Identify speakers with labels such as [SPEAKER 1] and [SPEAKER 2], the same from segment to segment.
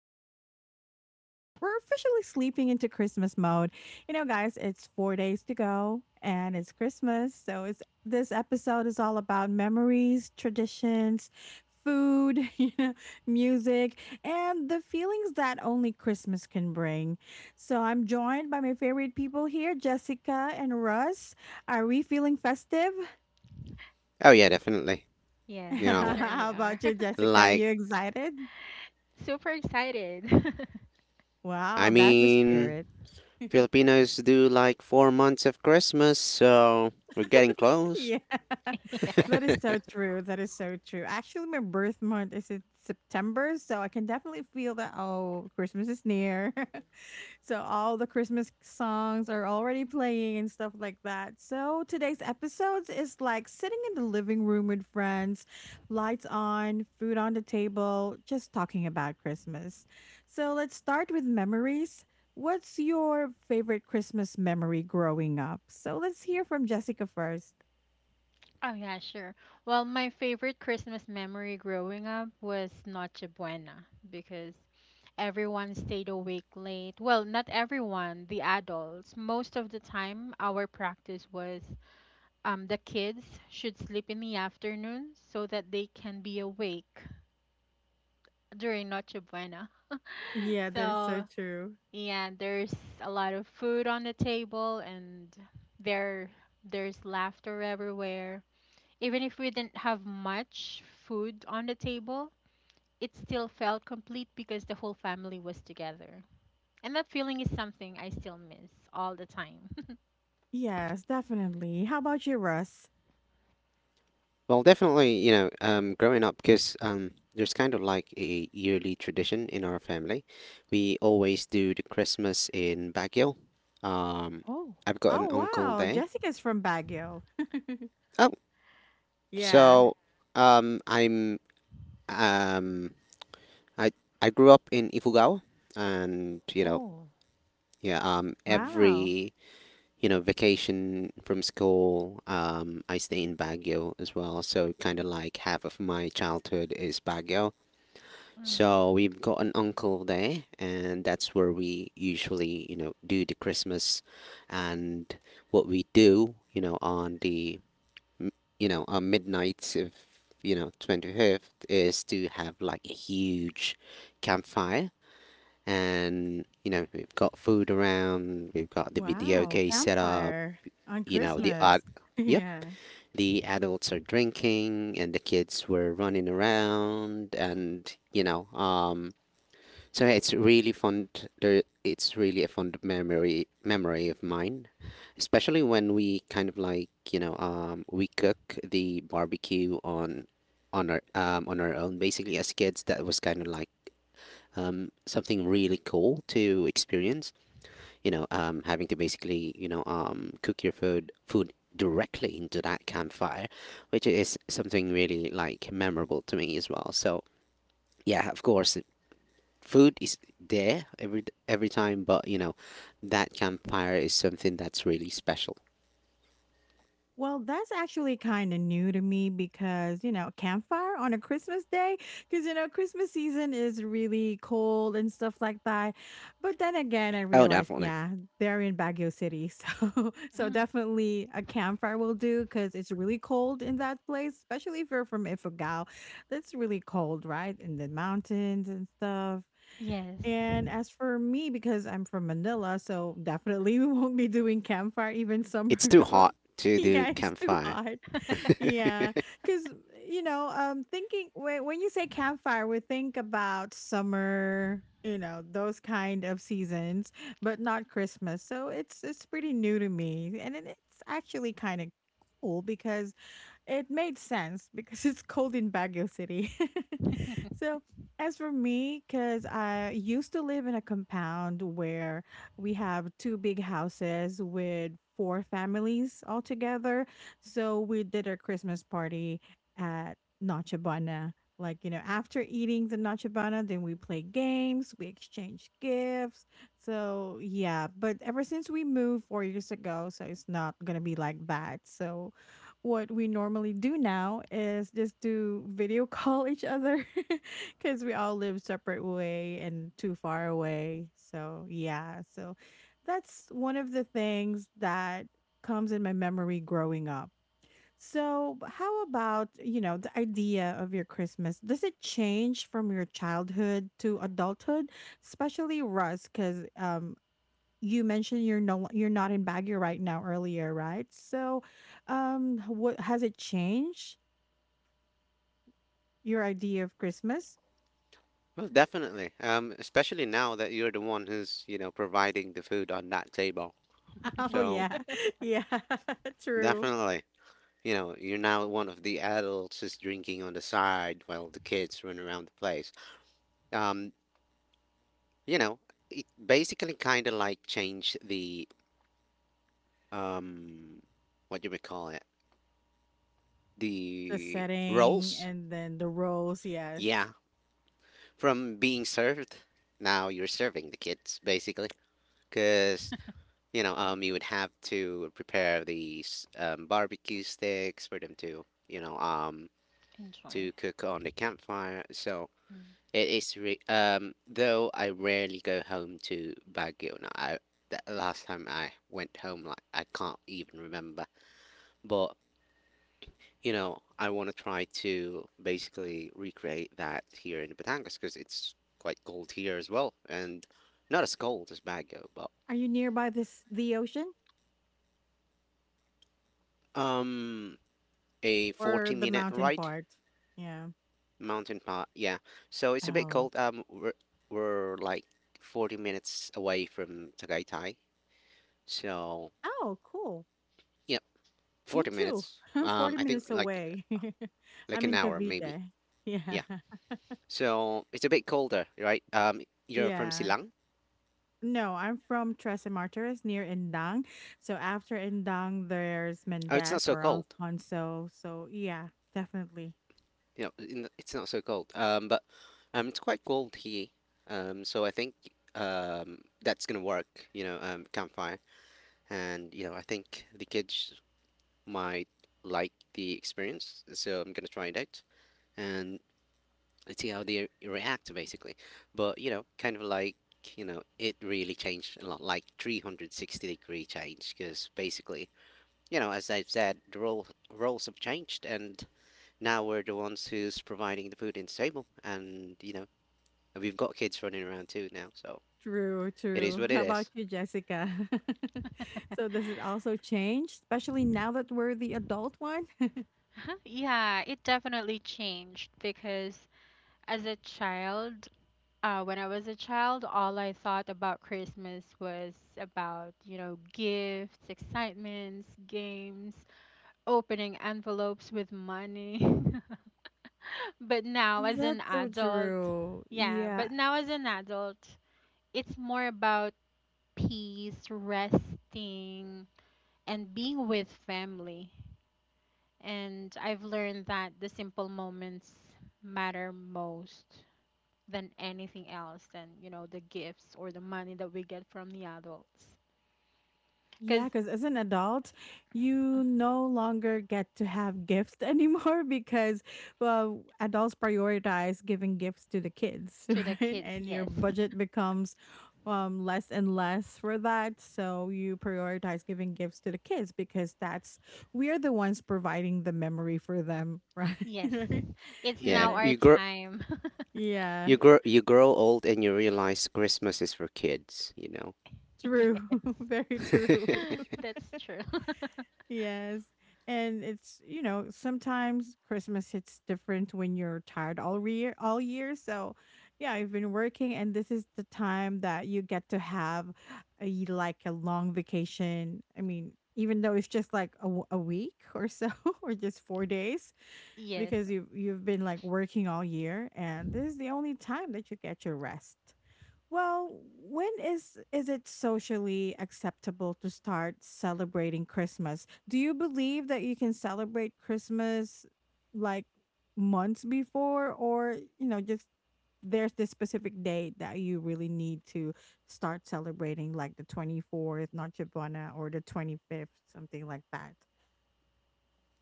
[SPEAKER 1] special because we're officially sleeping into Christmas mode. You know, guys, it's four days to go and it's Christmas. So, it's This episode is all about memories, traditions, food, music, and the feelings that only Christmas can bring. So, I'm joined by my favorite people here, Jessica and Russ. Are we feeling festive?
[SPEAKER 2] Oh yeah, definitely.
[SPEAKER 3] Yes,
[SPEAKER 2] You
[SPEAKER 3] we
[SPEAKER 2] know,
[SPEAKER 3] certainly
[SPEAKER 1] How
[SPEAKER 3] are.
[SPEAKER 1] about you, Jessica? Are
[SPEAKER 2] like
[SPEAKER 1] you excited?
[SPEAKER 3] Super excited.
[SPEAKER 2] I
[SPEAKER 1] Wow, that's a
[SPEAKER 2] mean,
[SPEAKER 1] spirit.
[SPEAKER 2] Filipinos do like 4 months of Christmas, so we're getting close.
[SPEAKER 1] Yeah,
[SPEAKER 3] Yes.
[SPEAKER 1] that is so true. That is so true. Actually, my birth month is in September, so I can definitely feel that, oh, Christmas is near. So all the Christmas songs are already playing and stuff like that. So today's episodes is like sitting in the living room with friends, lights on, food on the table, just talking about Christmas. So let's start with memories. What's your favorite Christmas memory growing up? So let's hear from Jessica first.
[SPEAKER 3] Oh, yeah, sure. Well, my favorite Christmas memory growing up was Noche Buena because everyone stayed awake late. Well, not everyone, the adults. Most of the time, our practice was the kids should sleep in the afternoon so that they can be awake during Noche Buena.
[SPEAKER 1] Yeah, that is so
[SPEAKER 3] So
[SPEAKER 1] true.
[SPEAKER 3] yeah, there's a lot of food on the table and there there's laughter everywhere. Even if we didn't have much food on the table, it still felt complete because the whole family was together. And that feeling is something I still miss all the time.
[SPEAKER 1] Yes, definitely. How about you, Russ?
[SPEAKER 2] Well, definitely, you know, growing up, because there's kind of like a yearly tradition in our family. We always do the Christmas in Baguio. Um, I've got an
[SPEAKER 1] Oh
[SPEAKER 2] uncle
[SPEAKER 1] wow,
[SPEAKER 2] there.
[SPEAKER 1] Jessica's from Baguio.
[SPEAKER 2] Oh,
[SPEAKER 1] Yeah.
[SPEAKER 2] so um, I'm um, I I grew up in Ifugao, and
[SPEAKER 3] Oh,
[SPEAKER 2] yeah,
[SPEAKER 1] Wow.
[SPEAKER 2] every vacation from school. I stay in Baguio as well, so kind of like half of my childhood is Baguio. So we've got an uncle there, and that's where we usually, you know, do the Christmas, and what we do, you know, m- on midnight of, you know, 25th is to have like a huge campfire, and you know, we've got food around, we've got the video
[SPEAKER 1] Wow,
[SPEAKER 2] case set up,
[SPEAKER 1] campfire on
[SPEAKER 2] you know
[SPEAKER 3] yeah.
[SPEAKER 2] the ad-
[SPEAKER 1] Christmas.
[SPEAKER 2] yep,
[SPEAKER 1] Yeah.
[SPEAKER 2] the adults are drinking and the kids were running around, and so yeah, it's really fond there. It's really a fond memory of mine, especially when we kind of like we cook the barbecue on our on our own, basically. As kids, that was kind of like something really cool to experience. You know, having to basically, you know, cook your food directly into that campfire, which is something really like memorable to me as well. So yeah, of course, food is there every time, but you know, that campfire is something that's really special.
[SPEAKER 1] Well, that's actually kind of new to me because, you know, campfire on a Christmas day, because, you know, Christmas season is really cold and stuff like that. But then again, I
[SPEAKER 2] Oh,
[SPEAKER 1] realized,
[SPEAKER 2] definitely,
[SPEAKER 1] yeah, they're in Baguio City. So, so
[SPEAKER 3] Mhm.
[SPEAKER 1] definitely a campfire will do because it's really cold in that place, especially if you're from Ifugao. That's really cold, right? In the mountains and stuff.
[SPEAKER 3] Yes.
[SPEAKER 1] And as for me, because I'm from Manila, so definitely we won't be doing campfire even summer.
[SPEAKER 2] it's too
[SPEAKER 1] Well,
[SPEAKER 2] hot to do
[SPEAKER 1] yeah, it's too
[SPEAKER 2] campfire.
[SPEAKER 1] hot. Yeah, because thinking when you say campfire, we think about summer, you know, those kind of seasons, but not Christmas. So it's pretty new to me, and it's actually kind of cool because it made sense because it's cold in Baguio City. So, as for me, because I used to live in a compound where we have two big houses with four families all together. So, we did our Christmas party at Noche Buena. Like, you know, after eating the Noche Buena, then we play games, we exchange gifts. So, yeah, but ever since we moved four years ago, so it's not going to be like that. So, what we normally do now is just to video call each other because we all live separate way and too far away, so yeah, so that's one of the things that comes in my memory growing up. So how about, you know, the idea of your Christmas, does it change from your childhood to adulthood, especially Russ, because you mentioned you're you're not in Baguio right now earlier, right? So, what has it changed your idea of Christmas?
[SPEAKER 2] Well, definitely. Especially now that you're the one who's, you know, providing the food on that table.
[SPEAKER 1] Oh
[SPEAKER 2] So
[SPEAKER 1] yeah, yeah, true.
[SPEAKER 2] definitely. You know, you're now one of the adults is drinking on the side while the kids run around the place. Um, you know, it basically kind of like changed the, um, what do we call it?
[SPEAKER 1] The
[SPEAKER 2] The
[SPEAKER 1] setting
[SPEAKER 2] roles.
[SPEAKER 1] and then the roles, yes.
[SPEAKER 2] Yeah, from being served, now you're serving the kids, basically, because you know,
[SPEAKER 3] Yes.
[SPEAKER 2] you would have to prepare these barbecue sticks for them to
[SPEAKER 3] Enjoy.
[SPEAKER 2] cook on the campfire. So,
[SPEAKER 3] Mm.
[SPEAKER 2] Though I rarely go home to Baguio now. I The last time I went home, like, I can't even remember. But you know, I want to try to basically recreate that here in Batangas because it's quite cold here as well, and not as cold as Baguio, but
[SPEAKER 1] Are you nearby this the ocean
[SPEAKER 2] um a
[SPEAKER 1] or
[SPEAKER 2] forty
[SPEAKER 1] the
[SPEAKER 2] minute
[SPEAKER 1] mountain
[SPEAKER 2] ride.
[SPEAKER 1] part? Yeah.
[SPEAKER 2] Mountain part. Yeah, so it's a bit
[SPEAKER 1] Oh.
[SPEAKER 2] cold. We're like 40 minutes away from Tagaytay, so.
[SPEAKER 1] Oh, cool.
[SPEAKER 2] Yeah,
[SPEAKER 1] Me
[SPEAKER 2] 40
[SPEAKER 1] too.
[SPEAKER 2] minutes.
[SPEAKER 1] I'm 40
[SPEAKER 2] I think
[SPEAKER 1] minutes
[SPEAKER 2] like
[SPEAKER 1] away.
[SPEAKER 2] like
[SPEAKER 1] I'm
[SPEAKER 2] an
[SPEAKER 1] in
[SPEAKER 2] hour, maybe.
[SPEAKER 1] Cavite. Yeah.
[SPEAKER 2] Yeah. So it's a bit colder, right? You're from
[SPEAKER 1] Yeah.
[SPEAKER 2] Silang.
[SPEAKER 1] No, I'm from Tres Martires near Indang. So after Indang, there's
[SPEAKER 2] Oh, it's not
[SPEAKER 1] Mendez
[SPEAKER 2] so
[SPEAKER 1] or
[SPEAKER 2] cold.
[SPEAKER 1] Alfonso. So yeah, definitely.
[SPEAKER 2] You know, it's not so cold. But it's quite cold here. So I think that's gonna work. You know, campfire, and you know, I think the kids might like the experience. So I'm gonna try it out, and and see how they react, basically, but you know kind of like you know it really changed a lot, like, 360 degree change, because basically you know, as I've said, the roles have changed, and now we're the ones who's providing the food in the table, and you know, we've got kids running around too now. So
[SPEAKER 1] True,
[SPEAKER 2] it is
[SPEAKER 1] true.
[SPEAKER 2] what it
[SPEAKER 1] How about
[SPEAKER 2] is.
[SPEAKER 1] you, Jessica? So does it also change, especially now that we're the adult one?
[SPEAKER 3] Yeah, it definitely changed because as a child, when I was a child, all I thought about Christmas was about, you know, gifts, excitements, games, opening envelopes with money. But now, as an
[SPEAKER 1] That's so
[SPEAKER 3] adult,
[SPEAKER 1] true.
[SPEAKER 3] Yeah,
[SPEAKER 1] Yeah,
[SPEAKER 3] but now as an adult, it's more about peace, resting, and being with family. And I've learned that the simple moments matter most, than anything else than you know the gifts or the money that we get from the adults
[SPEAKER 1] yeah,
[SPEAKER 3] because
[SPEAKER 1] because as an adult, you no longer get to have gifts anymore because, well, adults prioritize giving gifts to the kids,
[SPEAKER 3] to the
[SPEAKER 1] right?
[SPEAKER 3] kids,
[SPEAKER 1] And your
[SPEAKER 3] yes.
[SPEAKER 1] budget becomes less and less for that. So you prioritize giving gifts to the kids because that's, we are the ones providing the memory for them,
[SPEAKER 3] Yes,
[SPEAKER 1] right?
[SPEAKER 3] it's
[SPEAKER 1] And
[SPEAKER 2] Yeah,
[SPEAKER 3] now our
[SPEAKER 1] then,
[SPEAKER 2] you grow
[SPEAKER 3] time.
[SPEAKER 1] yeah,
[SPEAKER 2] you grow you grow old and you realize Christmas is for kids
[SPEAKER 1] true.
[SPEAKER 3] Yes,
[SPEAKER 1] Very
[SPEAKER 2] know
[SPEAKER 1] true.
[SPEAKER 3] that's true.
[SPEAKER 1] Yes. And it's, you know, sometimes Christmas hits different when you're tired all year. So yeah, I've been working, and this is the time that you get to have a like a long vacation. I mean, even though it's just like a week or so or just 4 days,
[SPEAKER 3] Yes.
[SPEAKER 1] because you've been like working all year, and this is the only time that you get your rest. Well, when is it socially acceptable to start celebrating Christmas? Do you believe that you can celebrate Christmas like months before, or, you know, just there's this specific date that you really need to start celebrating, like the 24th, Noche Buena, or the 25th, something like that.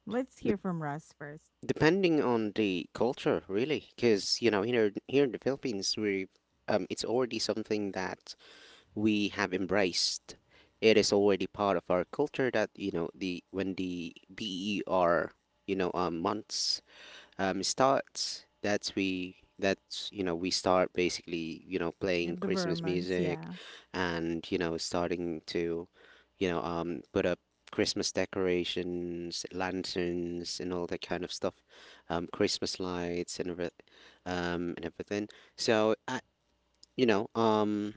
[SPEAKER 1] Let's hear from Russ first.
[SPEAKER 2] Depending on the culture, really, because you know, here in the Philippines, we it's already something that we have embraced. It is already part of our culture that, you know the when the BER, months, starts. That's you know we start basically
[SPEAKER 1] Yeah,
[SPEAKER 2] playing
[SPEAKER 1] the
[SPEAKER 2] Christmas
[SPEAKER 1] Burmans,
[SPEAKER 2] music,
[SPEAKER 1] yeah.
[SPEAKER 2] and you know, starting to, put up Christmas decorations, lanterns, and all that kind of stuff, Christmas lights and everything. So I, you know um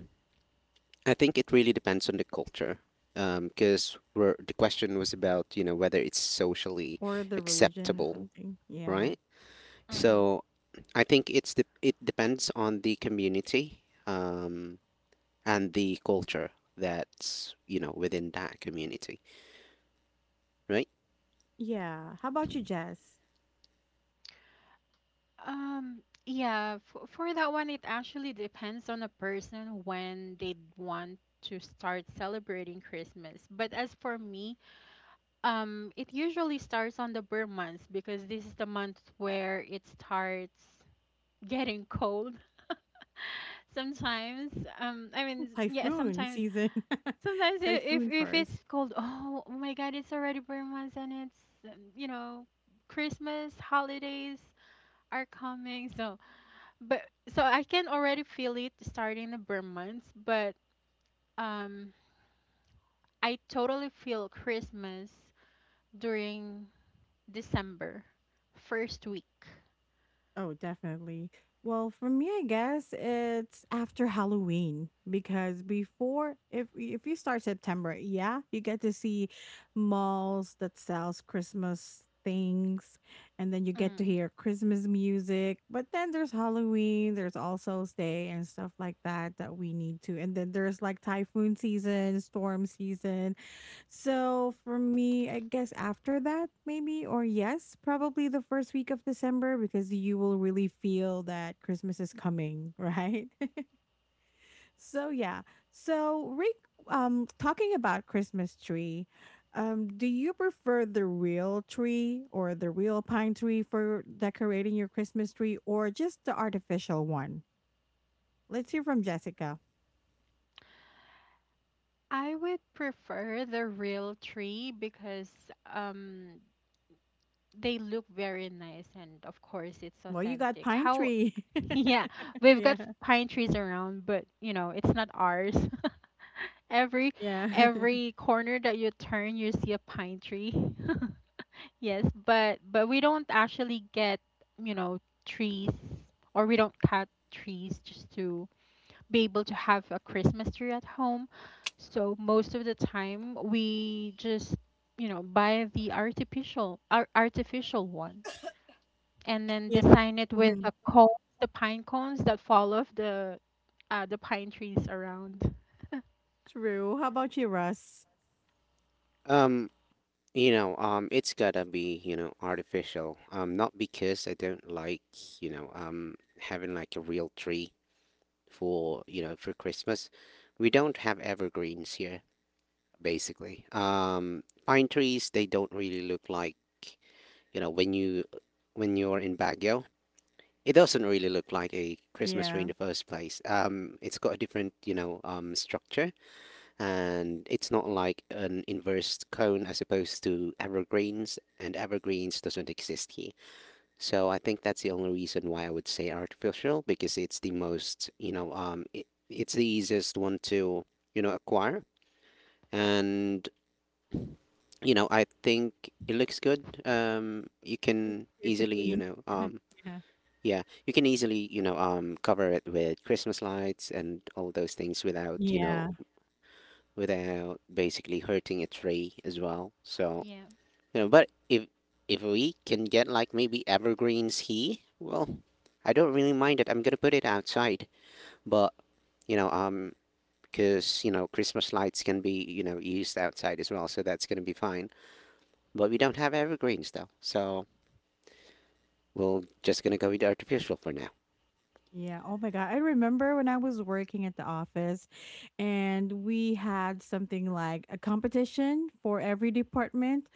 [SPEAKER 2] I think it really depends on the culture. Because, the question was about, whether it's socially
[SPEAKER 1] Or the religion,
[SPEAKER 2] acceptable,
[SPEAKER 1] something. Yeah.
[SPEAKER 2] right?
[SPEAKER 3] Mm-hmm.
[SPEAKER 2] So I think it depends on the community, and the culture that's, within that community, right?
[SPEAKER 1] Yeah. How about you, Jess?
[SPEAKER 3] um yeah, for that one, it actually depends on the person when they want to start celebrating Christmas, but as for me, it usually starts on the burr months because this is the month where it starts getting cold. Sometimes, I mean, yeah,
[SPEAKER 1] Typhoon
[SPEAKER 3] sometimes,
[SPEAKER 1] season.
[SPEAKER 3] sometimes i-
[SPEAKER 1] Typhoon
[SPEAKER 3] if
[SPEAKER 1] first.
[SPEAKER 3] it's cold, oh, oh my God, it's already bare months and it's you know, Christmas holidays are coming. So, but so I can already feel it starting the bare months, but um, I totally feel Christmas during December first week.
[SPEAKER 1] Oh, definitely. Well, for me, I guess it's after Halloween, because before, if you start September, yeah, you get to see malls that sells Christmas things, and then you get to
[SPEAKER 3] Mm.
[SPEAKER 1] hear Christmas music. But then there's Halloween, there's All Souls Day and stuff like that that we need to. And then there's like typhoon season, storm season. So for me, I guess after that, maybe, or yes, probably the first week of December, because you will really feel that Christmas is coming, right? So yeah. So Rick, talking about Christmas tree, do you prefer the real tree or the real pine tree for decorating your Christmas tree, or just the artificial one? Let's hear from Jessica.
[SPEAKER 3] I would prefer the real tree because um they look very nice, and of course, it's
[SPEAKER 1] Well, you got
[SPEAKER 3] authentic.
[SPEAKER 1] pine
[SPEAKER 3] How
[SPEAKER 1] tree.
[SPEAKER 3] yeah, we've got
[SPEAKER 1] Yeah.
[SPEAKER 3] pine trees around, but you know, it's not ours. every
[SPEAKER 1] Yeah.
[SPEAKER 3] every corner that you turn, you see a pine tree. Yes, but we don't actually get, you know, trees, or we don't cut trees just to be able to have a Christmas tree at home. So most of the time, we just, you know, buy the artificial artificial one and then
[SPEAKER 1] Yeah.
[SPEAKER 3] design it with
[SPEAKER 1] Mm-hmm.
[SPEAKER 3] the cones, the pine cones that fall off the pine trees around.
[SPEAKER 1] True. How about you, Russ?
[SPEAKER 2] Um, it's gotta be, artificial. Not because I don't like, having like a real tree for you know for Christmas. We don't have evergreens here, basically. Pine trees, they don't really look like, you know when you when you're in Baguio. It doesn't really look like a Christmas tree
[SPEAKER 1] Yeah.
[SPEAKER 2] in the first place. It's got a different, you know, structure, and it's not like an inverse cone as opposed to evergreens, and evergreens doesn't exist here. So I think that's the only reason why I would say artificial, because it's the most, you know, it's the easiest one to, acquire, and you know, I think it looks good. You
[SPEAKER 1] And
[SPEAKER 2] can
[SPEAKER 1] easier to
[SPEAKER 2] easily, you
[SPEAKER 1] clean.
[SPEAKER 2] know,
[SPEAKER 1] Yeah.
[SPEAKER 2] Yeah, you can easily, cover it with Christmas lights and all those things, without, you know,
[SPEAKER 1] Yeah.
[SPEAKER 2] without basically hurting a tree as well. So,
[SPEAKER 3] Yeah.
[SPEAKER 2] but if we can get like maybe evergreens here, well, I don't really mind it. I'm gonna put it outside, but, you know, um, because, you know, Christmas lights can be, you know, used outside as well, so that's gonna be fine. But we don't have evergreens though, so we're just gonna go with artificial for now.
[SPEAKER 1] Yeah. Oh my God. I remember when I was working at the office and we had something like a competition for every department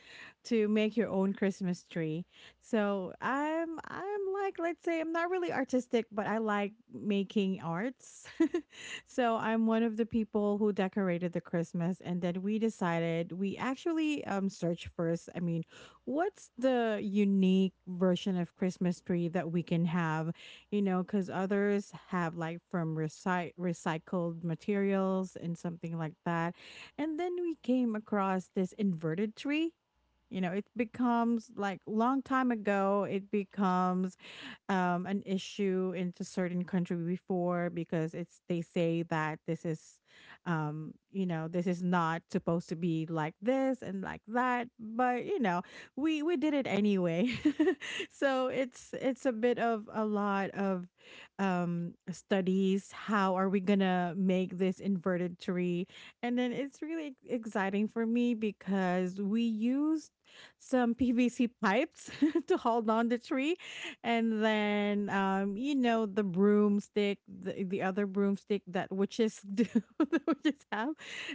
[SPEAKER 1] to make your own Christmas tree. So I'm like, let's say I'm not really artistic, but I like making arts. So I'm one of the people who decorated the Christmas, and then we decided, we actually searched first. I mean, what's the unique version of Christmas tree that we can have? You know, because others have like from recycled materials and something like that. And then we came across this inverted tree. You know, it becomes, like, long time ago, it becomes an issue into certain country before, because it's they say that this is you know, this is not supposed to be like this and like that, but you know, we did it anyway. So it's a bit of a lot of studies how are we gonna make this inverted tree. And then it's really exciting for me because we used some pvc pipes to hold on the tree, and then um, you know, the broomstick, the other broomstick that witches do that witches have,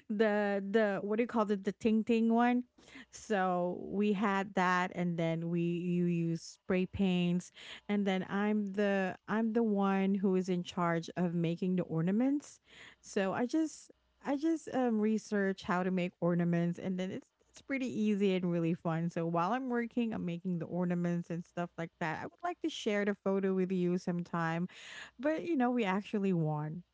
[SPEAKER 1] the what do you call it, the ting ting one. So we had that, and then we you use spray paints. And then I'm the one who is in charge of making the ornaments. So I just research how to make ornaments, and then it's pretty easy and really fun. So while I'm working, I'm making the ornaments and stuff like that. I would like to share the photo with you sometime, but you know, we actually won.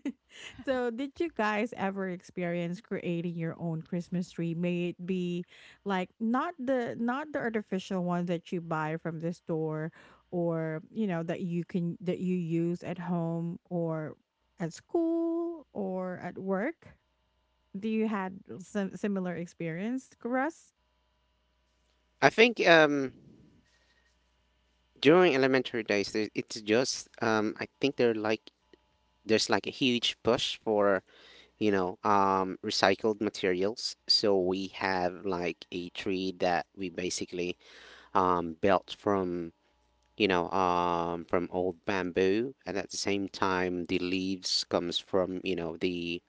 [SPEAKER 1] So, did you guys ever experience creating your own Christmas tree? May it be like not the artificial one that you buy from the store, or you know, that you can that you use at home or at school or at work, do you had some similar experience, Russ?
[SPEAKER 2] I think, during elementary days there, it's just, I think, they're like there's like a huge push for, recycled materials, so we have like a tree that we basically, built from you know from old bamboo, and at the same time, the leaves comes from, the,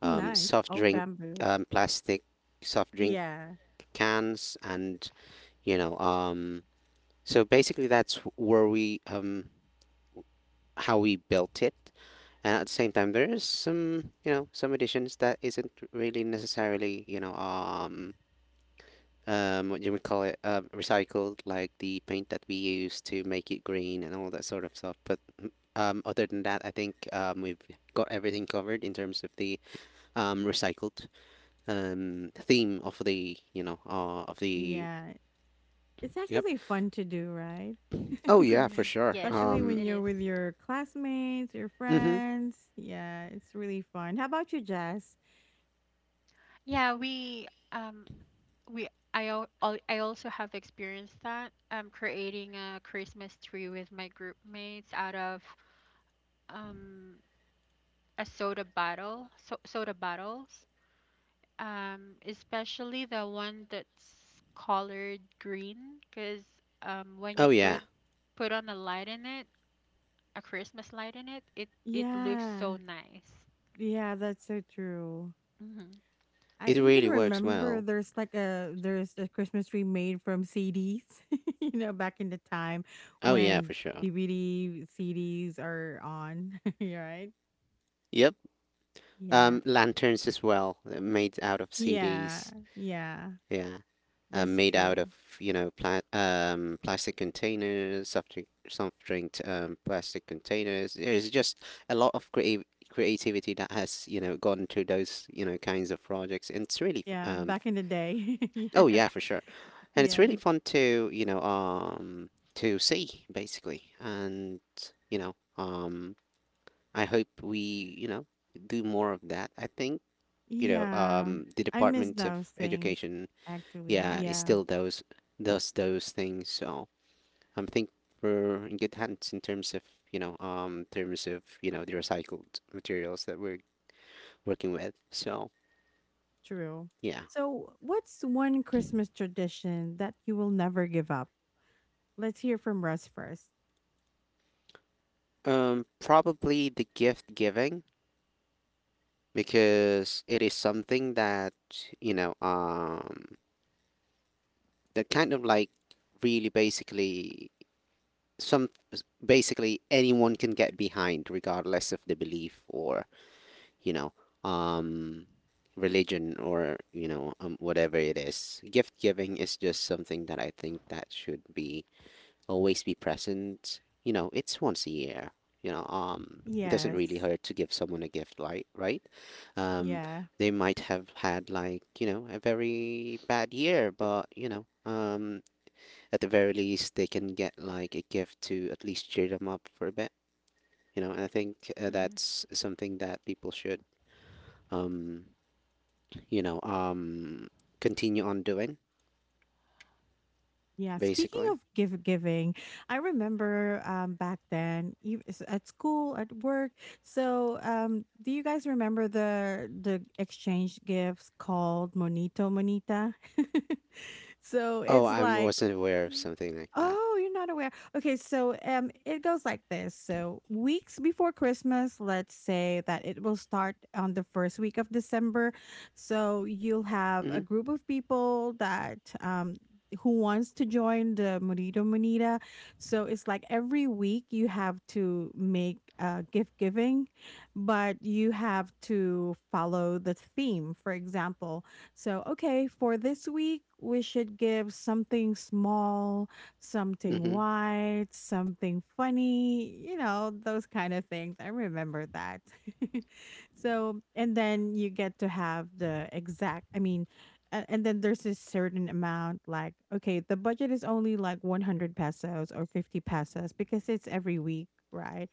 [SPEAKER 1] Nice.
[SPEAKER 2] soft
[SPEAKER 1] Old
[SPEAKER 2] drink
[SPEAKER 1] bamboo.
[SPEAKER 2] plastic soft drink
[SPEAKER 1] Yeah.
[SPEAKER 2] cans, and you know um so basically that's where we how we built it. And at the same time, there is some, you know, some additions that isn't really necessarily, what do we call it, recycled, like the paint that we use to make it green and all that sort of stuff. But, other than that, I think, we've got everything covered in terms of the, recycled, theme of the.
[SPEAKER 1] Yeah, it's
[SPEAKER 2] Yep.
[SPEAKER 1] actually fun to do, right?
[SPEAKER 2] Oh yeah, for
[SPEAKER 3] Hmm.
[SPEAKER 2] sure.
[SPEAKER 3] Yes,
[SPEAKER 1] Especially when
[SPEAKER 3] it
[SPEAKER 1] you're with
[SPEAKER 3] is.
[SPEAKER 1] your classmates, your
[SPEAKER 2] Mm-hmm.
[SPEAKER 1] friends, yeah, it's really fun. How about you, Jess?
[SPEAKER 3] Yeah, we I also have experienced that creating a Christmas tree with my group mates out of um a soda bottle, so soda bottles, especially the one that's colored green, 'cause when you
[SPEAKER 2] Oh yeah,
[SPEAKER 3] put on a light in it, a Christmas light in it, it looks
[SPEAKER 1] Yeah.
[SPEAKER 3] so nice.
[SPEAKER 1] Yeah, that's so true.
[SPEAKER 3] Mhm.
[SPEAKER 1] I
[SPEAKER 2] it
[SPEAKER 1] even
[SPEAKER 2] really works
[SPEAKER 1] remember
[SPEAKER 2] well.
[SPEAKER 1] there's like a Christmas tree made from CDs, you know, back in the time
[SPEAKER 2] Oh yeah,
[SPEAKER 1] when
[SPEAKER 2] for sure.
[SPEAKER 1] DVD CDs are on, you're right?
[SPEAKER 2] Yep.
[SPEAKER 1] Yeah.
[SPEAKER 2] Lanterns as well, made out of
[SPEAKER 1] Yeah.
[SPEAKER 2] CDs.
[SPEAKER 1] Yeah.
[SPEAKER 2] Yeah,
[SPEAKER 1] That's
[SPEAKER 2] made out of,
[SPEAKER 1] true.
[SPEAKER 2] plastic containers, soft drink plastic containers. There's just a lot of creative creativity that has, gone to those, kinds of projects. And it's really f-
[SPEAKER 1] Yeah,
[SPEAKER 2] um
[SPEAKER 1] back in the day.
[SPEAKER 2] Oh
[SPEAKER 1] Yeah.
[SPEAKER 2] yeah, for sure, and it's
[SPEAKER 1] Yeah.
[SPEAKER 2] really fun to see, basically, and, you know um I hope we, you know do more of that. I think,
[SPEAKER 1] Yeah.
[SPEAKER 2] the
[SPEAKER 1] I miss
[SPEAKER 2] Department of
[SPEAKER 1] those things
[SPEAKER 2] Education,
[SPEAKER 1] actually.
[SPEAKER 2] yeah, is
[SPEAKER 1] Yeah,
[SPEAKER 2] still those does those things. So I'm think we're in good hands in terms of the recycled materials that we're working with. So
[SPEAKER 1] true.
[SPEAKER 2] yeah,
[SPEAKER 1] So, what's one Christmas tradition that you will never give up? Let's hear from Russ first.
[SPEAKER 2] probably the gift giving, because it is something that, you know, that kind of like really basically, some basically anyone can get behind, regardless of the belief or, you know, um, religion, or, you know, whatever it is. Gift giving is just something that I think that should be always be present. You know, it's once a year. You know, it doesn't really
[SPEAKER 1] Yes.
[SPEAKER 2] hurt to give someone a gift, like, right? Um,
[SPEAKER 1] Yeah.
[SPEAKER 2] they might have had, like, a very bad year, but you know, at the very least, they can get like a gift to at least cheer them up for a bit. You know, and I think,
[SPEAKER 3] Mhm.
[SPEAKER 2] that's something that people should. Um, you know, um, continue on doing,
[SPEAKER 1] Yeah, speaking
[SPEAKER 2] basically.
[SPEAKER 1] of give giving, I remember back then at school, at work. So, um, do you guys remember the exchange gifts called Monito Monita? So,
[SPEAKER 2] Oh,
[SPEAKER 1] it's
[SPEAKER 2] I
[SPEAKER 1] like
[SPEAKER 2] wasn't aware of
[SPEAKER 1] Mm.
[SPEAKER 2] something like that.
[SPEAKER 1] Oh, you're not aware. Okay, so it goes like this. So weeks before Christmas, let's say that it will start on the first week of December. So you'll have a
[SPEAKER 2] Mm-hmm.
[SPEAKER 1] group of people that who wants to join the Murito Munida. So it's like every week you have to make gift giving, but you have to follow the theme. For example, so okay, for this week we should give something small, something
[SPEAKER 2] Mm-hmm.
[SPEAKER 1] wide, something funny, you know, those kind of things. I remember that. And then you get to have the exact, and then there's this certain amount like okay the budget is only like 100 pesos or 50 pesos because it's every week, right?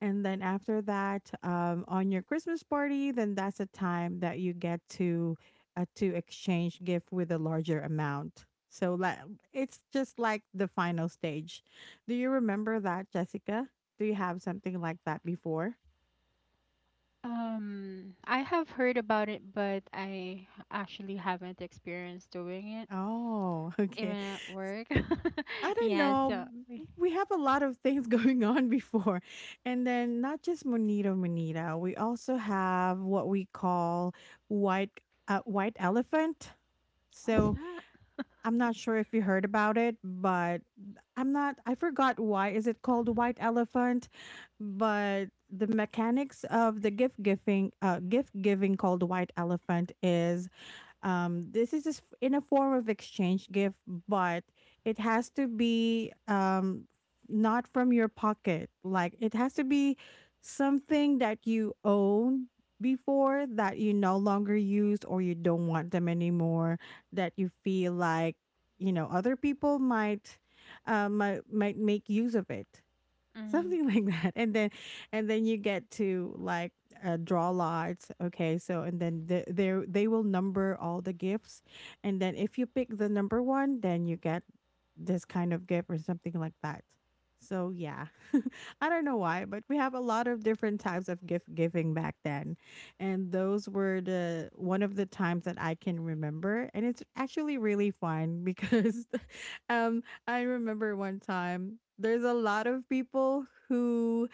[SPEAKER 1] And then after that on your Christmas party, then that's a time that you get to exchange gift with a larger amount, so like it's just like the final stage. Do you remember that, Jessica? Do you have something like that before?
[SPEAKER 3] I have heard about it, but I actually haven't experienced doing it,
[SPEAKER 1] Oh,
[SPEAKER 3] even
[SPEAKER 1] okay.
[SPEAKER 3] at work.
[SPEAKER 1] I don't
[SPEAKER 3] Yeah,
[SPEAKER 1] know.
[SPEAKER 3] so
[SPEAKER 1] We have a lot of things going on before. And then not just Monito Monita, we also have what we call white white elephant.
[SPEAKER 3] what's
[SPEAKER 1] So
[SPEAKER 3] that?
[SPEAKER 1] I'm not sure if you heard about it, but I'm not I forgot why is it called white elephant, but the mechanics of the gift giving called white elephant is, this is just in a form of exchange gift, but it has to be, not from your pocket. Like it has to be something that you own before that you no longer use or you don't want them anymore. That you feel like, you know, other people might might make use of it.
[SPEAKER 3] Mm,
[SPEAKER 1] Something like that. And then and then you get to like draw lots. Okay, so and then they will number all the gifts, and then if you pick the number one, then you get this kind of gift or something like that. So yeah, I don't know why, but we have a lot of different types of gift giving back then, and those were the one of the times that I can remember, and it's actually really fun because um I remember one time there's a lot of people who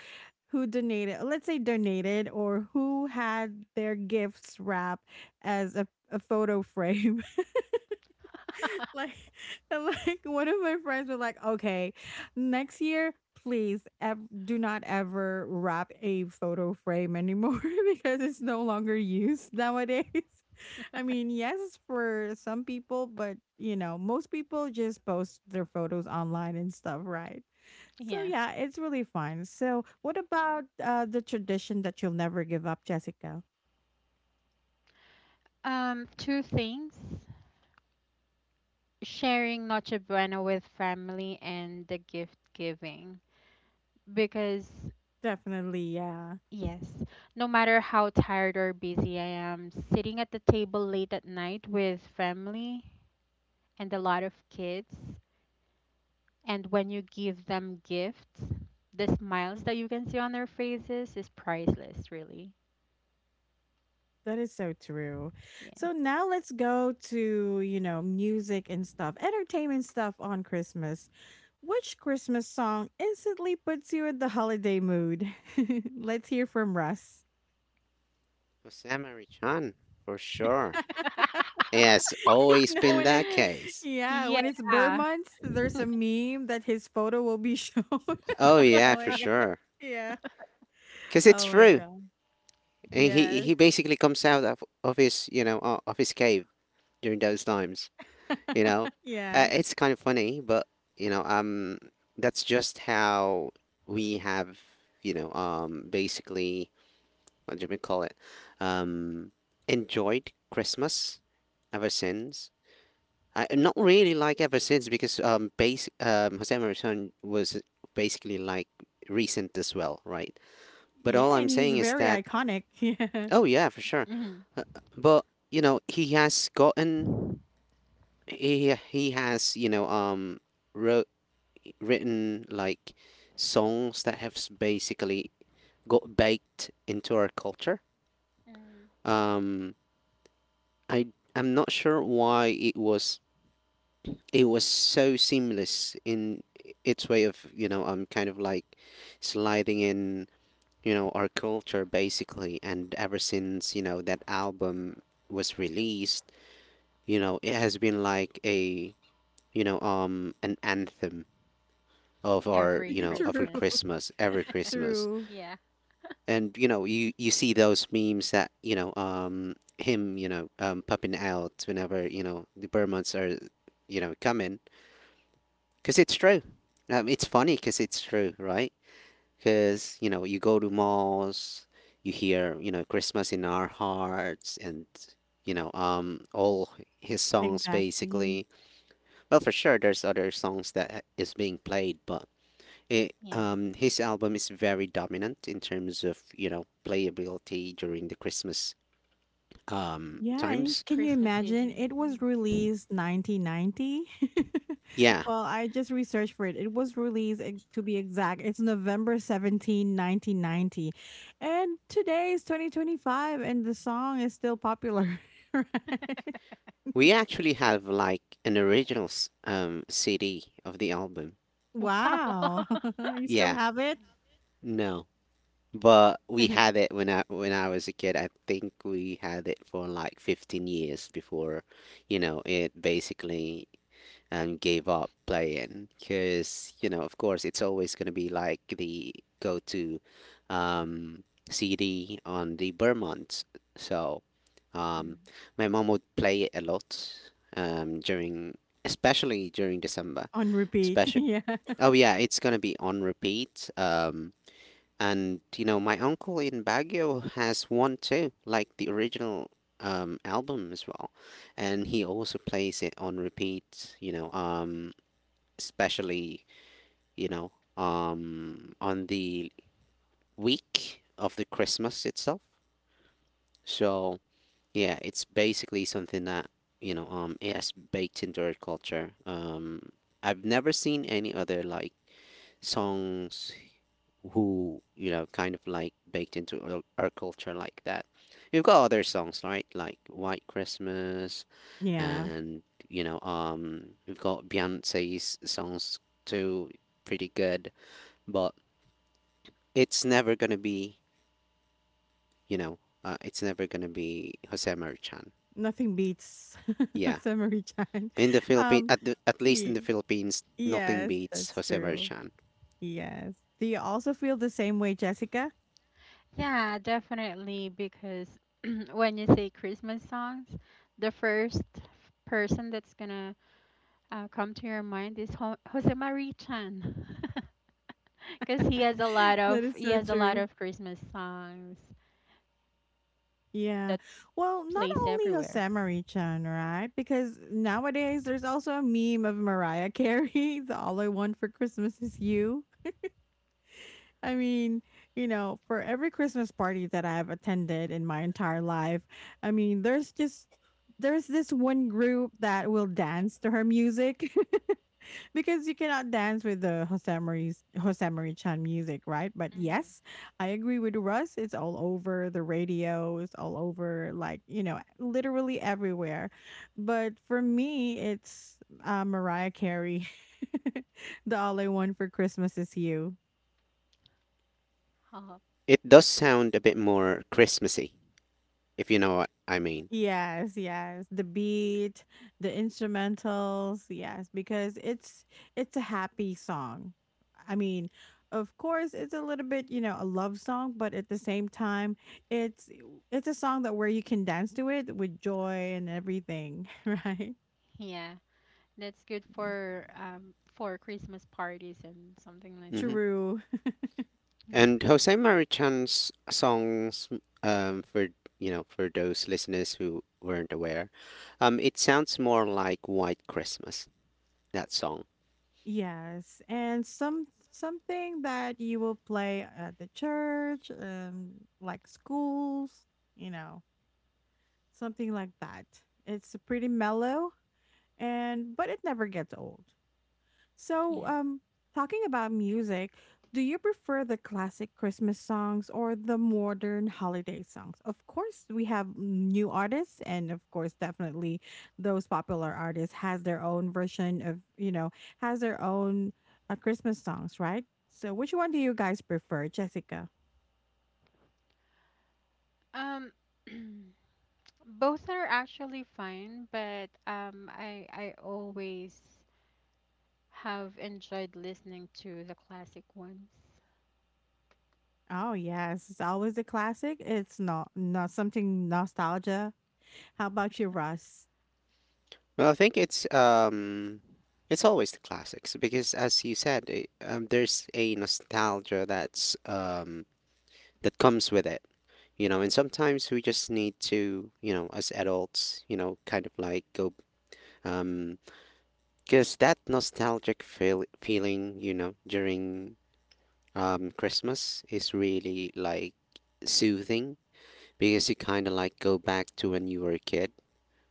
[SPEAKER 1] donated, let's say donated or who had their gifts wrapped as a photo frame. Like and like one of my friends was like, "Okay, next year please do not ever wrap a photo frame anymore because it's no longer used nowadays." I mean, yes for some people, but you know, most people just post their photos online and stuff, right? So
[SPEAKER 3] yeah.
[SPEAKER 1] yeah, it's really fun. So what about the tradition that you'll never give up, Jessica?
[SPEAKER 3] Two things. Sharing Noche Buena with family and the gift giving. Because,
[SPEAKER 1] Definitely, yeah.
[SPEAKER 3] yes, no matter how tired or busy I am, sitting at the table late at night with family and a lot of kids. And when you give them gifts, the smiles that you can see on their faces is priceless, really.
[SPEAKER 1] That is so true. So now let's go to, you know, music and stuff, entertainment stuff on Christmas. Which Christmas song instantly puts you in the holiday mood? Let's hear from Russ.
[SPEAKER 2] Osama Richan, for sure. Yes,
[SPEAKER 1] You
[SPEAKER 2] always
[SPEAKER 1] know
[SPEAKER 2] been
[SPEAKER 1] when it's
[SPEAKER 2] that case.
[SPEAKER 1] yeah,
[SPEAKER 3] Yeah.
[SPEAKER 1] when it's Burr
[SPEAKER 3] Yeah.
[SPEAKER 1] months, there's a meme that his photo will be shown. Oh
[SPEAKER 2] Oh yeah, for
[SPEAKER 1] my god.
[SPEAKER 2] sure.
[SPEAKER 1] Yeah.
[SPEAKER 2] 'Cause it's
[SPEAKER 1] Oh my
[SPEAKER 2] true.
[SPEAKER 1] god.
[SPEAKER 2] And He
[SPEAKER 1] Yes.
[SPEAKER 2] he basically comes out of his cave during those times. You know,
[SPEAKER 1] Yeah.
[SPEAKER 2] it's kind of funny, but, you know um that's just how we have, basically, what do we call it? Um, enjoyed Christmas ever since. I not really like ever since, because, base Jose Marisol was basically like recent as well, right? But
[SPEAKER 1] Yeah,
[SPEAKER 2] all I'm
[SPEAKER 1] and he's
[SPEAKER 2] saying is
[SPEAKER 1] very
[SPEAKER 2] that,
[SPEAKER 1] iconic. Yeah.
[SPEAKER 2] oh yeah, for sure.
[SPEAKER 3] Hmm.
[SPEAKER 2] Uh, but you know, he has wrote written like songs that have, basically got baked into our culture.
[SPEAKER 3] Hmm.
[SPEAKER 2] Um, I I'm not sure why it was so seamless in its way of kind of like sliding in our culture basically. And ever since that album was released, it has been like a an anthem of our
[SPEAKER 3] Every
[SPEAKER 2] you know of
[SPEAKER 1] True.
[SPEAKER 2] our
[SPEAKER 3] Christmas.
[SPEAKER 2] Christmas, every Christmas.
[SPEAKER 1] True.
[SPEAKER 3] Yeah.
[SPEAKER 2] And you see those memes that him popping out whenever the Burmans are coming, because it's true. It's funny because it's true, right? Because you go to malls, you hear Christmas in our hearts and all his songs
[SPEAKER 1] Exactly.
[SPEAKER 2] basically. Well, for sure there's other songs that is being played, but
[SPEAKER 3] Yeah.
[SPEAKER 2] his album is very dominant in terms of playability during the Christmas
[SPEAKER 1] Yeah, and
[SPEAKER 2] times.
[SPEAKER 1] can you
[SPEAKER 3] Christmas
[SPEAKER 1] imagine?
[SPEAKER 3] season.
[SPEAKER 1] It
[SPEAKER 3] Mm.
[SPEAKER 1] was released 1990.
[SPEAKER 2] Yeah,
[SPEAKER 1] Well, I just researched for it. It was released, to be exact, it's November 17, 1990. And today is 2025, and the song is still popular. Right?
[SPEAKER 2] we actually have like an original CD of the album.
[SPEAKER 3] Wow.
[SPEAKER 1] Wow. You still
[SPEAKER 2] Yeah,
[SPEAKER 1] have it?
[SPEAKER 2] no, but we had it when I was a kid. I think we had it for like 15 years before, it basically and gave up playing because of course it's always going to be like the go-to um, CD on the Vermont. So um,
[SPEAKER 3] Mm.
[SPEAKER 2] my mom would play it a lot during especially during December,
[SPEAKER 1] On repeat.
[SPEAKER 2] especially.
[SPEAKER 1] Yeah.
[SPEAKER 2] Oh yeah, it's going to be on repeat. And my uncle in Baguio has one too, like the original album as well, and he also plays it on repeat, especially on the week of the Christmas itself. So yeah, it's basically something that it has baked into our culture. I've never seen any other like songs who kind of like baked into our culture like that. We've got other songs, right? Like White Christmas,
[SPEAKER 1] Yeah.
[SPEAKER 2] and we've got Beyonce's songs too, pretty good. But it's never gonna be, you know, it's never gonna be Jose Marichan.
[SPEAKER 1] Nothing beats
[SPEAKER 2] Yeah,
[SPEAKER 1] Samurai Chan.
[SPEAKER 2] in the Philippines,
[SPEAKER 1] Um,
[SPEAKER 2] at least in the
[SPEAKER 1] ye-
[SPEAKER 2] Philippines, nothing
[SPEAKER 1] yes,
[SPEAKER 2] beats
[SPEAKER 1] that's
[SPEAKER 2] Jose
[SPEAKER 1] true.
[SPEAKER 2] Marichan.
[SPEAKER 1] Yes. Do you also feel the same way, Jessica?
[SPEAKER 3] Yeah, definitely. Because when you say Christmas songs, the first person that's gonna come to your mind is Jose Marie Chan. Because
[SPEAKER 1] That is
[SPEAKER 3] he
[SPEAKER 1] so
[SPEAKER 3] has a lot
[SPEAKER 1] true.
[SPEAKER 3] of Christmas songs
[SPEAKER 1] Yeah.
[SPEAKER 3] that
[SPEAKER 1] Well, not
[SPEAKER 3] plays
[SPEAKER 1] only
[SPEAKER 3] everywhere.
[SPEAKER 1] Hosamari chan, right? Because nowadays there's also a meme of Mariah Carey, the All I Want for Christmas is You. I mean, you know, for every Christmas party that I've attended in my entire life, I mean, there's just there's this one group that will dance to her music because you cannot dance with the Hosamari Chan music, right? But
[SPEAKER 3] Mm-hmm.
[SPEAKER 1] yes, I agree with Russ. It's all over the radio. It's all over, like you know, literally everywhere. But for me, it's Mariah Carey. The all I want for Christmas is you.
[SPEAKER 3] Oh,
[SPEAKER 2] It does sound a bit more Christmassy, if you know what I mean.
[SPEAKER 1] Yes, yes. The beat, the instrumentals, yes, because it's a happy song. I mean, of course it's a little bit, you know, a love song, but at the same time, it's it's a song that where you can dance to it with joy and everything, right?
[SPEAKER 3] yeah, that's good
[SPEAKER 1] Yeah.
[SPEAKER 3] for Christmas parties and something like
[SPEAKER 2] Mm-hmm.
[SPEAKER 3] that.
[SPEAKER 1] True.
[SPEAKER 3] Mhm.
[SPEAKER 2] And Jose Marichan's songs, for for those listeners who weren't aware, it sounds more like White Christmas, that song.
[SPEAKER 1] Yes. And some something that you will play at the church and like schools, you know. Something like that. It's pretty mellow and but it never gets old. So,
[SPEAKER 3] Yeah.
[SPEAKER 1] talking about music, do you prefer the classic Christmas songs or the modern holiday songs? Of course, we have new artists and of course definitely those popular artists has their own version of, you know, has their own Christmas songs, right? So, which one do you guys prefer, Jessica?
[SPEAKER 3] Um, both are actually fine, but um, I always have enjoyed listening to the classic ones.
[SPEAKER 1] Oh yes, it's always a classic. It's not not something nostalgia. How about you, Russ?
[SPEAKER 2] Well, I think it's always the classics because, as you said, there's a nostalgia that's that comes with it, you know. And sometimes we just need to, you know, as adults, you know, kind of like go, um, because that nostalgic feeling, you know, during Christmas is really like soothing, because you kind of like go back to when you were a kid,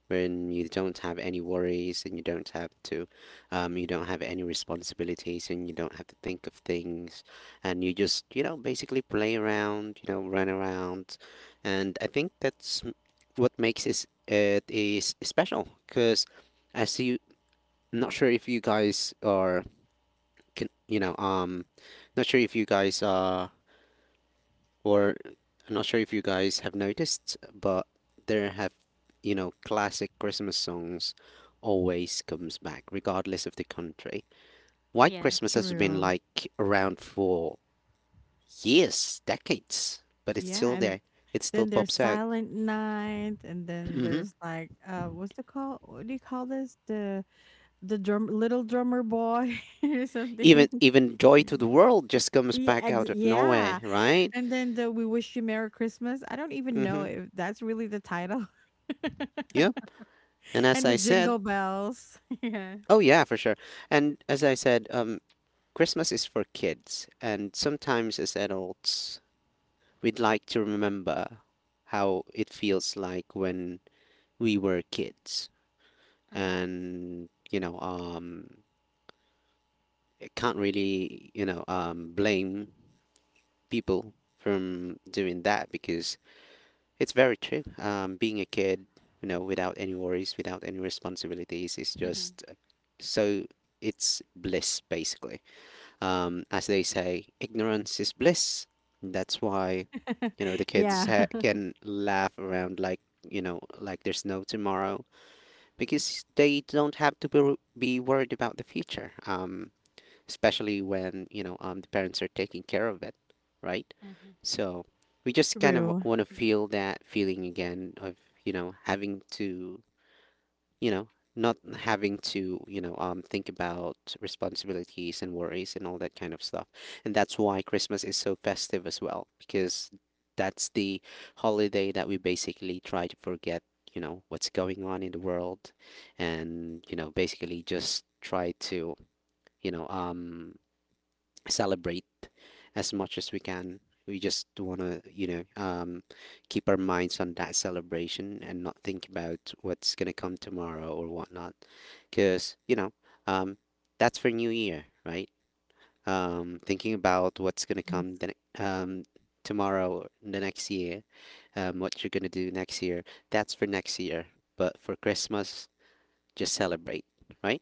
[SPEAKER 2] when you don't have any worries and you don't have to, you don't have any responsibilities and you don't have to think of things, and you just you know basically play around, you know, run around. And I think that's what makes it is special because as you I'm not sure if you guys are. Can You know, not sure if you guys are, or I'm not sure if you guys have noticed, but there have, you know, classic Christmas songs always comes back, regardless of the country. White
[SPEAKER 3] Yeah.
[SPEAKER 2] Christmas has been
[SPEAKER 1] True.
[SPEAKER 2] like around for years, decades, but it's
[SPEAKER 1] Yeah,
[SPEAKER 2] still
[SPEAKER 1] and
[SPEAKER 2] there. It still
[SPEAKER 1] then there's
[SPEAKER 2] pops out.
[SPEAKER 1] Silent Night, and then
[SPEAKER 2] Hmm.
[SPEAKER 1] there's like what's the call? What do you call this? The drum little drummer boy or
[SPEAKER 2] Even
[SPEAKER 1] something.
[SPEAKER 2] even Joy to
[SPEAKER 1] Mm.
[SPEAKER 2] the World just comes
[SPEAKER 1] Yeah,
[SPEAKER 2] back out of nowhere,
[SPEAKER 1] yeah.
[SPEAKER 2] right?
[SPEAKER 1] And then the "We Wish You Merry Christmas." I don't even know
[SPEAKER 2] Mm-hmm.
[SPEAKER 1] if that's really the title.
[SPEAKER 2] Yep. And as
[SPEAKER 1] And the
[SPEAKER 2] I said,
[SPEAKER 1] jingle bells. Yeah,
[SPEAKER 2] Oh yeah, for sure. And as I said, Christmas is for kids, and sometimes as adults, we'd like to remember how it feels like when we were kids. And, you know, I can't really, you know, blame people from doing that because it's very true. Being a kid, you know, without any worries, without any responsibilities, is
[SPEAKER 3] Mm-hmm.
[SPEAKER 2] just so it's bliss, basically. As they say, ignorance is bliss. That's why, you know, the
[SPEAKER 1] yeah.
[SPEAKER 2] can laugh around like, you know, like there's no tomorrow, because they don't have to be worried about the future. Especially when, you know, the parents are taking care of it, right? So we just kind of
[SPEAKER 1] True.
[SPEAKER 2] want to feel that feeling again of, you know, having to you know, not having to, you know, think about responsibilities and worries and all that kind of stuff. And that's why Christmas is so festive as well, because that's the holiday that we basically try to forget, you know, what's going on in the world and, you know, basically just try to, you know, celebrate as much as we can. We just want to, you know, keep our minds on that celebration and not think about what's going to come tomorrow or whatnot. Because, you know, um, that's for New Year, right? Thinking about what's going to come ne- um, tomorrow or the next year, what you're going to do next year, that's for next year. But for Christmas, just celebrate, right?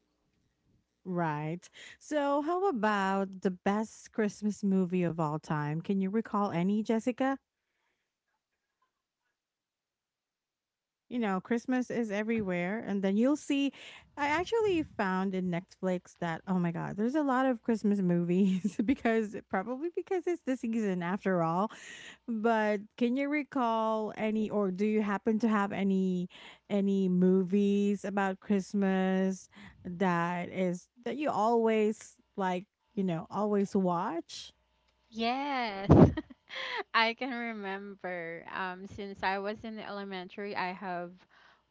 [SPEAKER 1] Right. So, how about the best Christmas movie of all time? Can you recall any, Jessica? You know, Christmas is everywhere. And then you'll see, I actually found in Netflix that, oh my God, there's a lot of Christmas movies because probably because it's the season after all. But can you recall any, or do you happen to have any movies about Christmas that is, that you always like, you know, always watch?
[SPEAKER 3] Yes, I can remember. Since I was in elementary, I have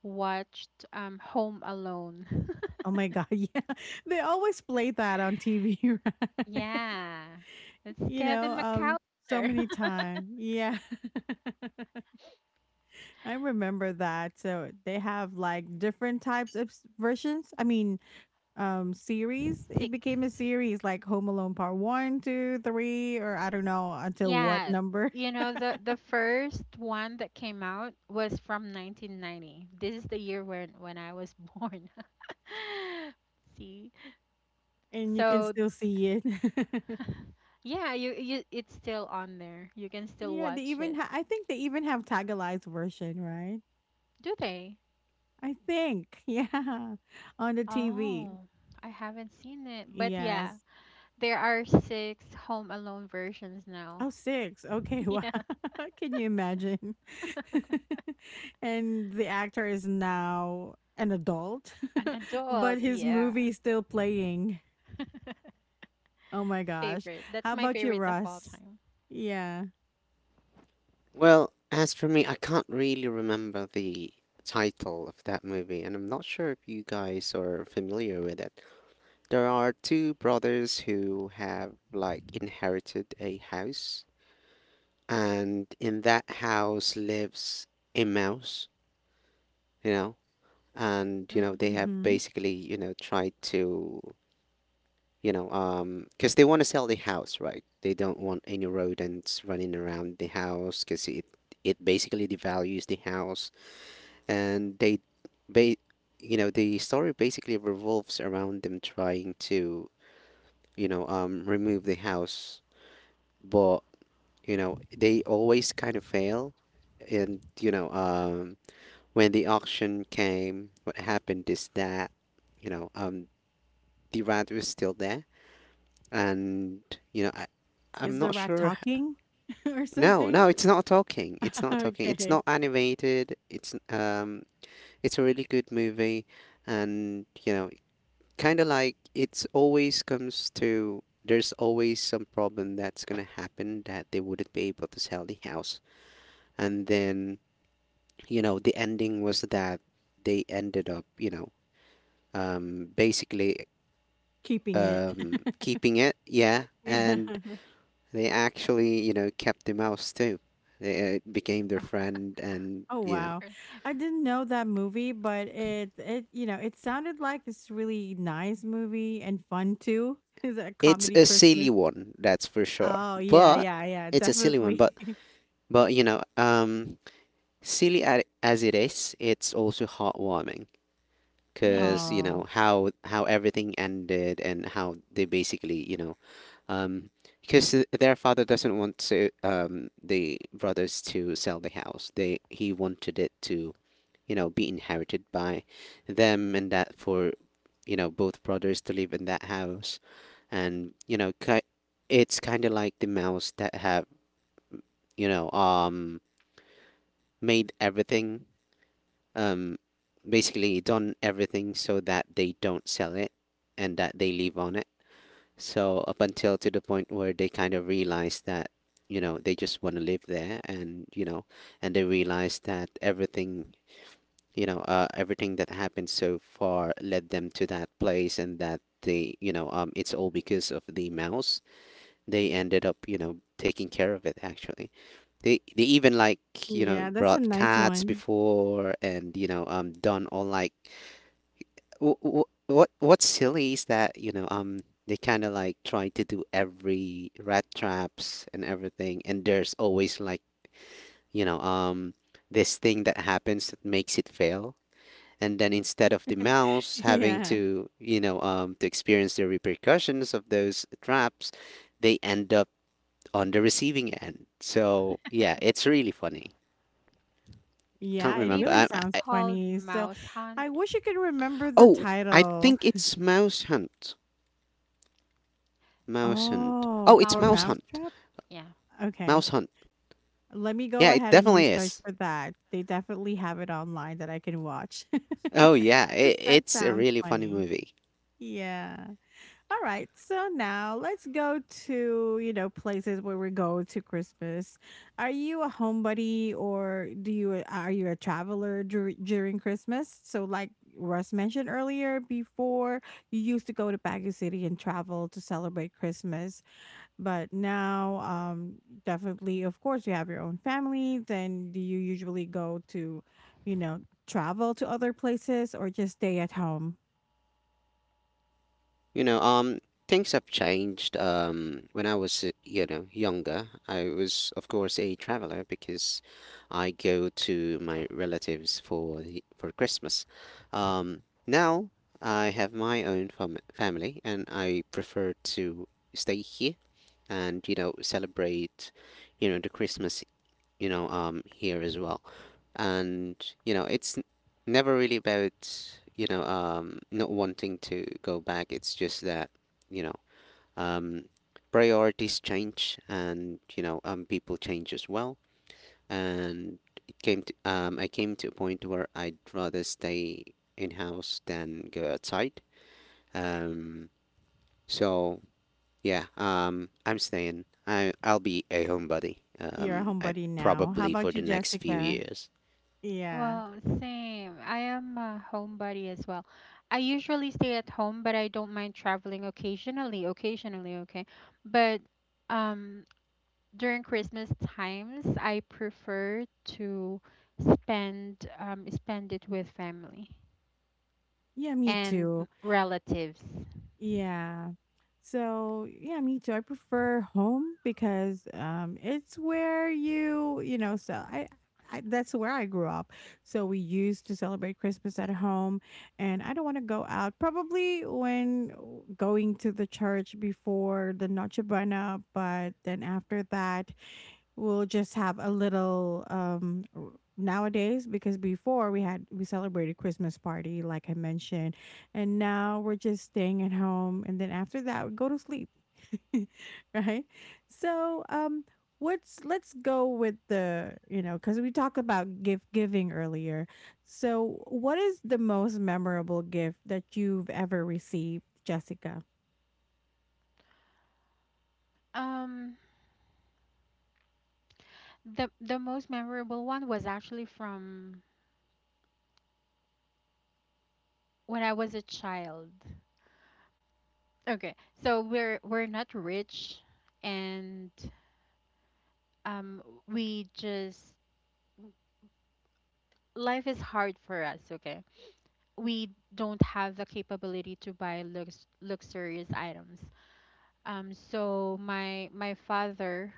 [SPEAKER 3] watched Home Alone.
[SPEAKER 1] Oh my God, yeah. They always play that on TV,
[SPEAKER 3] Yeah, it's
[SPEAKER 1] you know,
[SPEAKER 3] Kevin McAllister.
[SPEAKER 1] so many times. Yeah, I remember that. So they have like different types of versions. I mean, series. It
[SPEAKER 3] Six.
[SPEAKER 1] became a series like Home Alone Part One, Two, Three, or I don't know until what
[SPEAKER 3] Yeah,
[SPEAKER 1] number,
[SPEAKER 3] you know, the first one that came out was from 1990. This is the year when I was born. See,
[SPEAKER 1] and you can
[SPEAKER 3] so
[SPEAKER 1] still see it.
[SPEAKER 3] yeah, you it's still on there. You can still
[SPEAKER 1] Yeah, they
[SPEAKER 3] watch
[SPEAKER 1] even.
[SPEAKER 3] it.
[SPEAKER 1] I think they even have tagalized version, right?
[SPEAKER 3] Do they?
[SPEAKER 1] I think. Yeah, on the TV.
[SPEAKER 3] Oh, I haven't seen it. But yeah,
[SPEAKER 1] Yes.
[SPEAKER 3] there are six Home Alone versions now.
[SPEAKER 1] Oh 6, okay. Wow.
[SPEAKER 3] Yeah,
[SPEAKER 1] Can you imagine? And the actor is now an adult,
[SPEAKER 3] an
[SPEAKER 1] but
[SPEAKER 3] adult.
[SPEAKER 1] his movie
[SPEAKER 3] Yeah.
[SPEAKER 1] is still playing. Oh my gosh.
[SPEAKER 3] Favorite.
[SPEAKER 1] How
[SPEAKER 3] That's my
[SPEAKER 1] about you,
[SPEAKER 3] favorite of all
[SPEAKER 1] Russ?
[SPEAKER 3] time.
[SPEAKER 1] Yeah.
[SPEAKER 2] Well, as for me, I can't really remember the title of that movie, and I'm not sure if you guys are familiar with it. There are two brothers who have like inherited a house, and in that house lives a mouse, you know, and you know
[SPEAKER 3] Mm.
[SPEAKER 2] they have
[SPEAKER 1] Mm-hmm.
[SPEAKER 2] basically, you know, tried to, you know, because they want to sell the house, right? They don't want any rodents running around the house because it basically devalues the house, and they ba- you know the story basically revolves around them trying to you know remove the house, but you know they always kind of fail, and you know when the auction came, what happened is that you know the rat was still there, and you know I'm
[SPEAKER 1] Is the
[SPEAKER 2] not
[SPEAKER 1] rat
[SPEAKER 2] sure
[SPEAKER 1] talking or
[SPEAKER 2] no
[SPEAKER 1] something?
[SPEAKER 2] no it's not talking, it's not talking, it's
[SPEAKER 1] Okay.
[SPEAKER 2] not animated, it's a really good movie, and you know kind of like it's always comes to, there's always some problem that's going to happen that they wouldn't be able to sell the house, and then you know the ending was that they ended up you know basically
[SPEAKER 1] Keeping it.
[SPEAKER 2] keeping it, yeah.
[SPEAKER 1] Yeah.
[SPEAKER 2] And they actually you know kept the mouse too. They- it became their
[SPEAKER 3] Oh,
[SPEAKER 2] friend. And
[SPEAKER 1] Oh
[SPEAKER 2] you know
[SPEAKER 1] wow.
[SPEAKER 3] or
[SPEAKER 1] I didn't know that movie, but it you know, it sounded like it's really nice movie and fun too. Is it a
[SPEAKER 2] it's
[SPEAKER 1] comedy
[SPEAKER 2] a silly
[SPEAKER 1] Christmas?
[SPEAKER 2] one, that's for sure,
[SPEAKER 1] Oh yeah,
[SPEAKER 2] but
[SPEAKER 1] yeah, yeah,
[SPEAKER 2] it's a silly one,
[SPEAKER 1] definitely.
[SPEAKER 2] but you know silly as it is, it's also heartwarming,
[SPEAKER 3] maybe
[SPEAKER 2] because
[SPEAKER 3] it's
[SPEAKER 2] you know
[SPEAKER 1] Oh.
[SPEAKER 2] how everything ended and how they basically you know um because their father doesn't want to the brothers to sell the house. They he wanted it to you know be inherited by them, and that for you know both brothers to live in that house. And you know it's kind of like the mouse that have you know made everything um, basically done everything so that they don't sell it, and that they live on it. So up until to the point where they kind of realize that, you know, they just want to live there, and, you know, and they realize that everything, you know, everything that happened so far led them to that place, and that they, you know, it's all because of the mouse, they ended up, you know, taking care of it actually. They even like, you know,
[SPEAKER 1] Yeah, that's a
[SPEAKER 2] brought
[SPEAKER 1] nice
[SPEAKER 2] cats
[SPEAKER 1] one.
[SPEAKER 2] before, and, you know, done all like what what's silly is that, you know, they kind of like try to do every rat traps and everything, and there's always like, you know, this thing that happens that makes it fail. And then instead of the mouse having
[SPEAKER 1] Yeah.
[SPEAKER 2] to, you know, to experience the repercussions of those traps, they end up on the receiving end. So yeah, it's really funny. Can't
[SPEAKER 1] Yeah, it
[SPEAKER 2] remember.
[SPEAKER 1] really
[SPEAKER 3] maybe it's
[SPEAKER 1] sounds
[SPEAKER 3] called
[SPEAKER 1] funny. So
[SPEAKER 3] Mouse Hunt.
[SPEAKER 1] I wish you could remember the
[SPEAKER 2] Oh, I
[SPEAKER 1] title.
[SPEAKER 2] think it's Mouse Hunt. Mouse Hunt. Oh,
[SPEAKER 1] Oh,
[SPEAKER 2] it's
[SPEAKER 1] or
[SPEAKER 3] Mouse
[SPEAKER 2] Mouse
[SPEAKER 3] Hunt.
[SPEAKER 2] Hunt.
[SPEAKER 1] Mousetrap?
[SPEAKER 3] Yeah.
[SPEAKER 1] Okay.
[SPEAKER 2] Mouse Hunt.
[SPEAKER 1] Let me go
[SPEAKER 2] Yeah, it
[SPEAKER 1] ahead and
[SPEAKER 2] definitely
[SPEAKER 1] research
[SPEAKER 2] is.
[SPEAKER 1] for that. They definitely have it online that I can watch.
[SPEAKER 2] Oh yeah, it,
[SPEAKER 1] Because that
[SPEAKER 2] it's a
[SPEAKER 1] sounds
[SPEAKER 2] really funny
[SPEAKER 1] funny.
[SPEAKER 2] movie.
[SPEAKER 1] Yeah. All right. So now let's go to, you know, places where we go to Christmas. Are you a homebody or do you are you a traveler during Christmas? So like Russ mentioned earlier before, you used to go to Baguio City and travel to celebrate Christmas. But now, definitely, of course, you have your own family. Then do you usually go to, you know, travel to other places or just stay at home?
[SPEAKER 2] You know, things have changed. When I was, you know, younger, I was, of course, a traveler because I go to my relatives for for Christmas. Now I have my own family, and I prefer to stay here and, you know, celebrate, you know, the Christmas, you know, here as well, and you know it's never really about you know not wanting to go back, it's just that you know um priorities change, and you know people change as well. And it came to I came to a point where I'd rather stay in house than go outside, um so yeah, I'm staying, I'll be a homebody,
[SPEAKER 1] You're a
[SPEAKER 2] I
[SPEAKER 1] homebody now. How
[SPEAKER 2] probably for
[SPEAKER 1] about you,
[SPEAKER 2] the next few
[SPEAKER 1] Jessica?
[SPEAKER 2] years.
[SPEAKER 1] Yeah.
[SPEAKER 3] Well, same. I am a homebody as well. I usually stay at home, but I don't mind traveling occasionally, okay? But um during Christmas times, I prefer to spend it with family
[SPEAKER 1] Yeah, me
[SPEAKER 3] and
[SPEAKER 1] too.
[SPEAKER 3] relatives.
[SPEAKER 1] Yeah. So, yeah, me too. I prefer home because it's where you know, I that's where I grew up. So we used to celebrate Christmas at home and I don't want to go out. Probably when going to the church before the Noche Buena, but then after that, we'll just have a little nowadays because before we celebrated Christmas party like I mentioned, and now we're just staying at home and then after that we go to sleep. Right? So what's let's go with the, you know, because we talked about gift giving earlier, so what is the most memorable gift that you've ever received, Jessica?
[SPEAKER 3] Um, the most memorable one was actually from when I was a child. Okay, so we're not rich, and um, we just life is hard for us. Okay, we don't have the capability to buy luxurious items. So my my father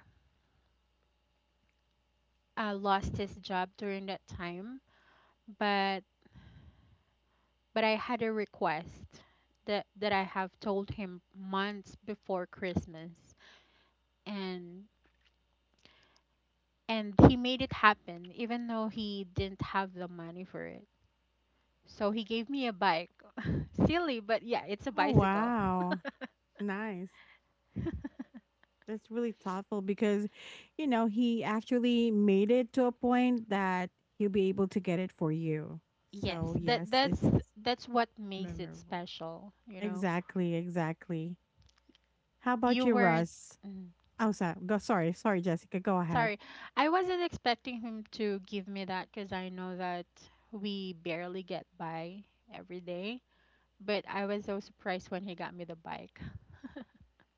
[SPEAKER 3] lost his job during that time, but but I had a request that I have told him months before Christmas, and and he made it happen even though he didn't have the money for it. So he gave me a bike. Silly, but yeah, it's a
[SPEAKER 1] Oh
[SPEAKER 3] bicycle.
[SPEAKER 1] wow. Nice. That's really thoughtful because, you know, he actually made it to a point that he'll be able to get it for you. So,
[SPEAKER 3] Yes, that
[SPEAKER 1] yes,
[SPEAKER 3] that's
[SPEAKER 1] it's
[SPEAKER 3] that's what makes it
[SPEAKER 1] memorable.
[SPEAKER 3] special, you know.
[SPEAKER 1] Exactly, exactly. How about
[SPEAKER 3] You
[SPEAKER 1] you,
[SPEAKER 3] weren't,
[SPEAKER 1] Russ?
[SPEAKER 3] mm,
[SPEAKER 1] Oh, sorry, go, sorry, sorry, Jessica. Go ahead.
[SPEAKER 3] sorry, I wasn't expecting him to give me that because I know that we barely get by every day. But I was so surprised when he got me the bike.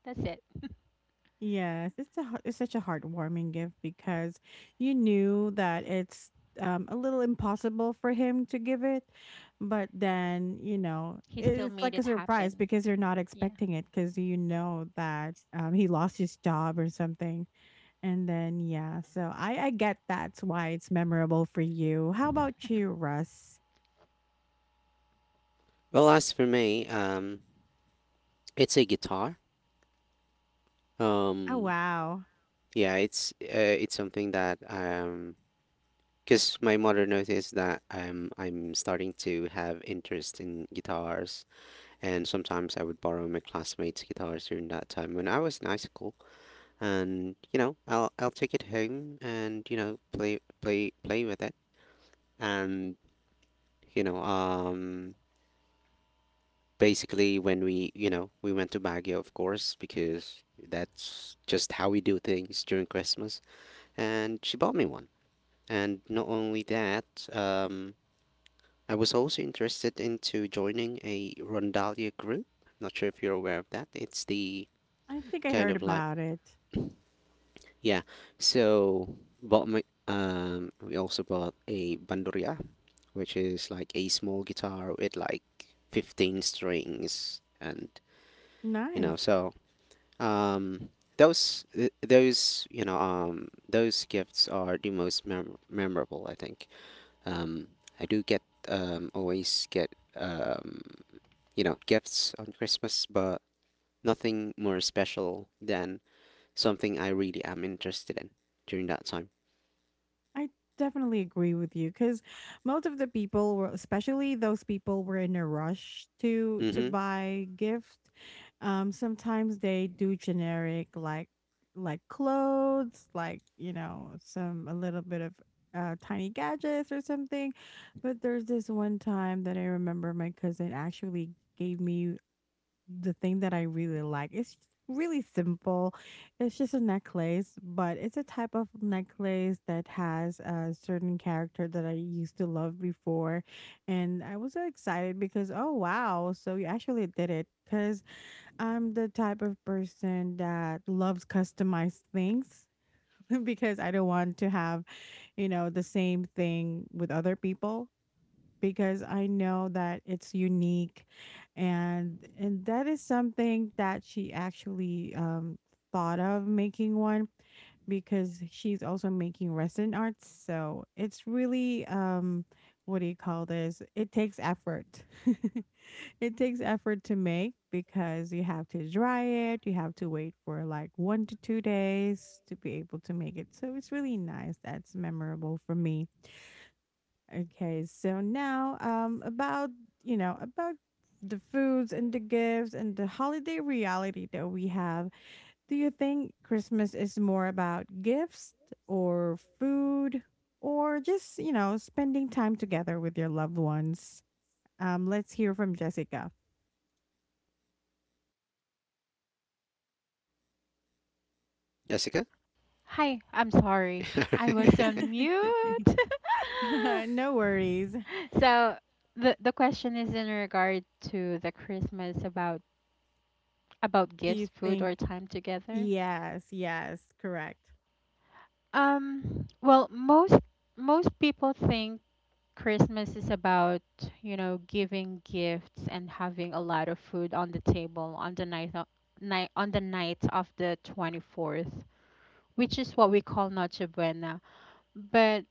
[SPEAKER 3] That's it.
[SPEAKER 1] Yes, it's it's such a heartwarming gift because you knew that it's a little impossible for him to give it, but then you know
[SPEAKER 3] He still
[SPEAKER 1] it's
[SPEAKER 3] made
[SPEAKER 1] like a
[SPEAKER 3] it
[SPEAKER 1] surprise
[SPEAKER 3] happen.
[SPEAKER 1] because you're not
[SPEAKER 3] Yeah.
[SPEAKER 1] expecting it because you know that he lost his job or something, and then yeah, so I get that's why it's memorable for you. How about you, Russ?
[SPEAKER 2] Well, as for me, it's a guitar.
[SPEAKER 1] Oh
[SPEAKER 2] Um,
[SPEAKER 1] wow,
[SPEAKER 2] yeah, it's something that because my mother noticed that I'm starting to have interest in guitars, and sometimes I would borrow my classmates' guitars during that time when I was in high school, and I'll take it home and play with it, and you know, um, basically when we you know we went to Baguio, of course, because that's just how we do things during Christmas, and she bought me one. And not only that, um, I was also interested into joining a Rondalia group. Not sure if you're aware of that. It's the
[SPEAKER 1] I think I
[SPEAKER 2] kind
[SPEAKER 1] heard
[SPEAKER 2] of like,
[SPEAKER 1] about it.
[SPEAKER 2] yeah. So bought my we also bought a bandoria, which is like a small guitar with like 15 strings. And you know
[SPEAKER 1] Nice.
[SPEAKER 2] so um those th- those you know those gifts are the most memorable, I think. Um, I do get Always get um, gifts on Christmas, but nothing more special than something I really am interested in during that time.
[SPEAKER 1] I definitely agree with you because most of the people were, especially those people were in a rush to
[SPEAKER 2] Mm-hmm.
[SPEAKER 1] buy gift. Sometimes they do generic like clothes, like you know, some a little bit of tiny gadgets or something. But there's this one time that I remember my cousin actually gave me the thing that I really like. It's really simple. It's just a necklace, but it's a type of necklace that has a certain character that I used to love before. And I was so excited because, oh, wow. So you actually did it. Because I'm the type of person that loves customized things because I don't want to have, the same thing with other people because I know that it's unique and that is something that she actually thought of making one because she's also making resin arts, so it's really, um, what do you call this, it takes effort. It takes effort to make because you have to dry it, you have to wait for like 1 to 2 days to be able to make it. So it's really nice, that's memorable for me. Okay, so now, um, about about the foods and the gifts and the holiday reality that we have. Do you think Christmas is more about gifts or food or just, you know, spending time together with your loved ones? Let's hear from Jessica.
[SPEAKER 2] Jessica.
[SPEAKER 3] Hi, I'm sorry. I was on
[SPEAKER 1] It's okay.
[SPEAKER 3] mute.
[SPEAKER 1] No worries.
[SPEAKER 3] So the question is in regard to the Christmas about
[SPEAKER 1] Do
[SPEAKER 3] gifts,
[SPEAKER 1] you
[SPEAKER 3] food,
[SPEAKER 1] think,
[SPEAKER 3] or time together.
[SPEAKER 1] yes, yes, correct.
[SPEAKER 3] Well, most people think Christmas is about, you know, giving gifts and having a lot of food on the table on the night of the 24th, which is what we call Noche Buena. But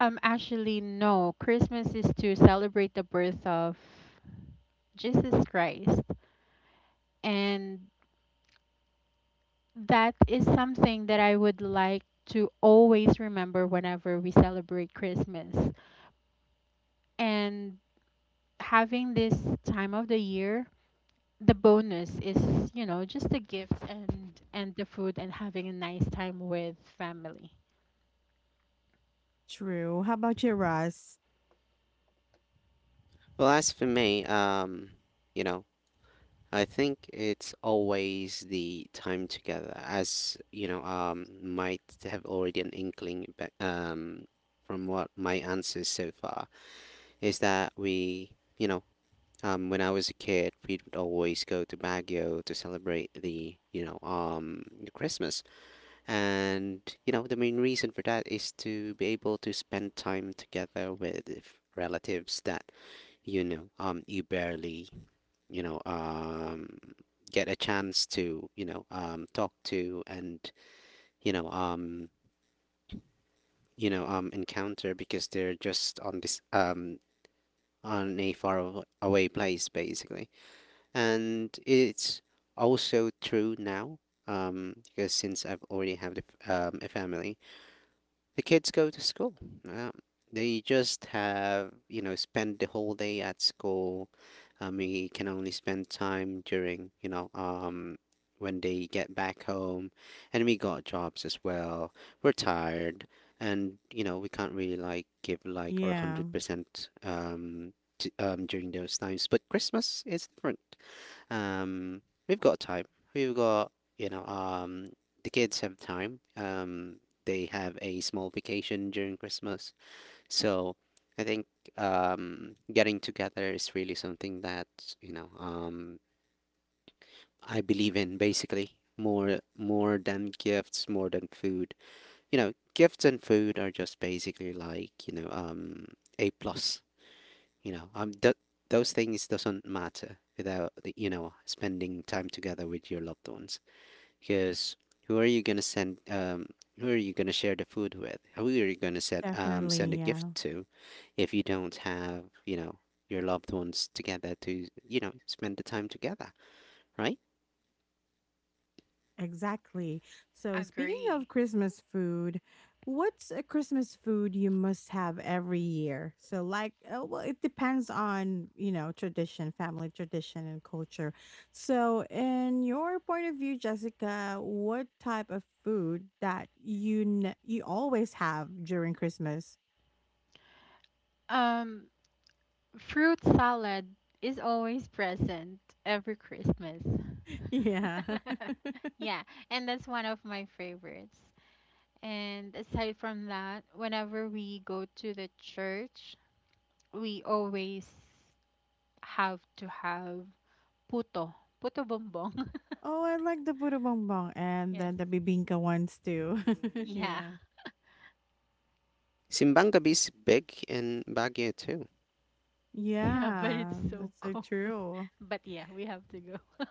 [SPEAKER 3] actually no, Christmas is to celebrate the birth of Jesus Christ. And that is something that I would like to always remember whenever we celebrate Christmas. And having this time of the year, the bonus is, you know, just the gifts and the food and having a nice time with family.
[SPEAKER 1] True. How about you, Russ?
[SPEAKER 2] Well, as for me, you know, I think it's always the time together. As you know, might have already an inkling, from what my answers so far is that you know, when I was a kid, we'd always go to Baguio to celebrate the Christmas. And, the main reason for that is to be able to spend time together with relatives that, you barely, you know, um, get a chance to, talk to, and, you know, um, encounter because they're just on a far away place, basically. And it's also true now, because since I've already have a family, the kids go to school. Um, they just have you know spend the whole day at school. We can only spend time during, when they get back home, and we got jobs as well. We're tired, and we can't really like give like our one
[SPEAKER 1] Yeah,
[SPEAKER 2] hundred percent during those times. But Christmas is different um, we've got time. We've got, you know, The kids have time. They have a small vacation during Christmas. So I think, getting together is really something that, you know, um, I believe in, basically, more than gifts, more than food. Gifts and food are just basically like, a plus, you know, um, th- those things doesn't matter without the, spending time together with your loved ones. Because who are you gonna send? Who are you gonna share the food with? Who are you gonna send a
[SPEAKER 1] definitely.
[SPEAKER 2] gift
[SPEAKER 1] Yeah.
[SPEAKER 2] to, if you don't have, your loved ones together to spend the time together, right?
[SPEAKER 1] Exactly. So, speaking
[SPEAKER 3] Agree.
[SPEAKER 1] of Christmas food, what's a Christmas food you must have every year? So, like, well, it depends on, you know, tradition, family tradition, and culture. So, in your point of view, Jessica, what type of food that you always have during Christmas?
[SPEAKER 3] Um, fruit salad is always present every Christmas.
[SPEAKER 1] Yeah.
[SPEAKER 3] Yeah, and that's one of my favorites. And aside from that, whenever we go to the church, we always have to have puto, puto bombong.
[SPEAKER 1] Oh, I like the puto bongbong and
[SPEAKER 3] Yes,
[SPEAKER 1] then the bibingka ones too.
[SPEAKER 3] yeah.
[SPEAKER 1] Yeah.
[SPEAKER 2] Simbang is big in Baguio too.
[SPEAKER 3] Yeah, but it's
[SPEAKER 1] Yeah,
[SPEAKER 3] so
[SPEAKER 1] that's so
[SPEAKER 3] cold.
[SPEAKER 1] true.
[SPEAKER 3] But yeah, we have to go.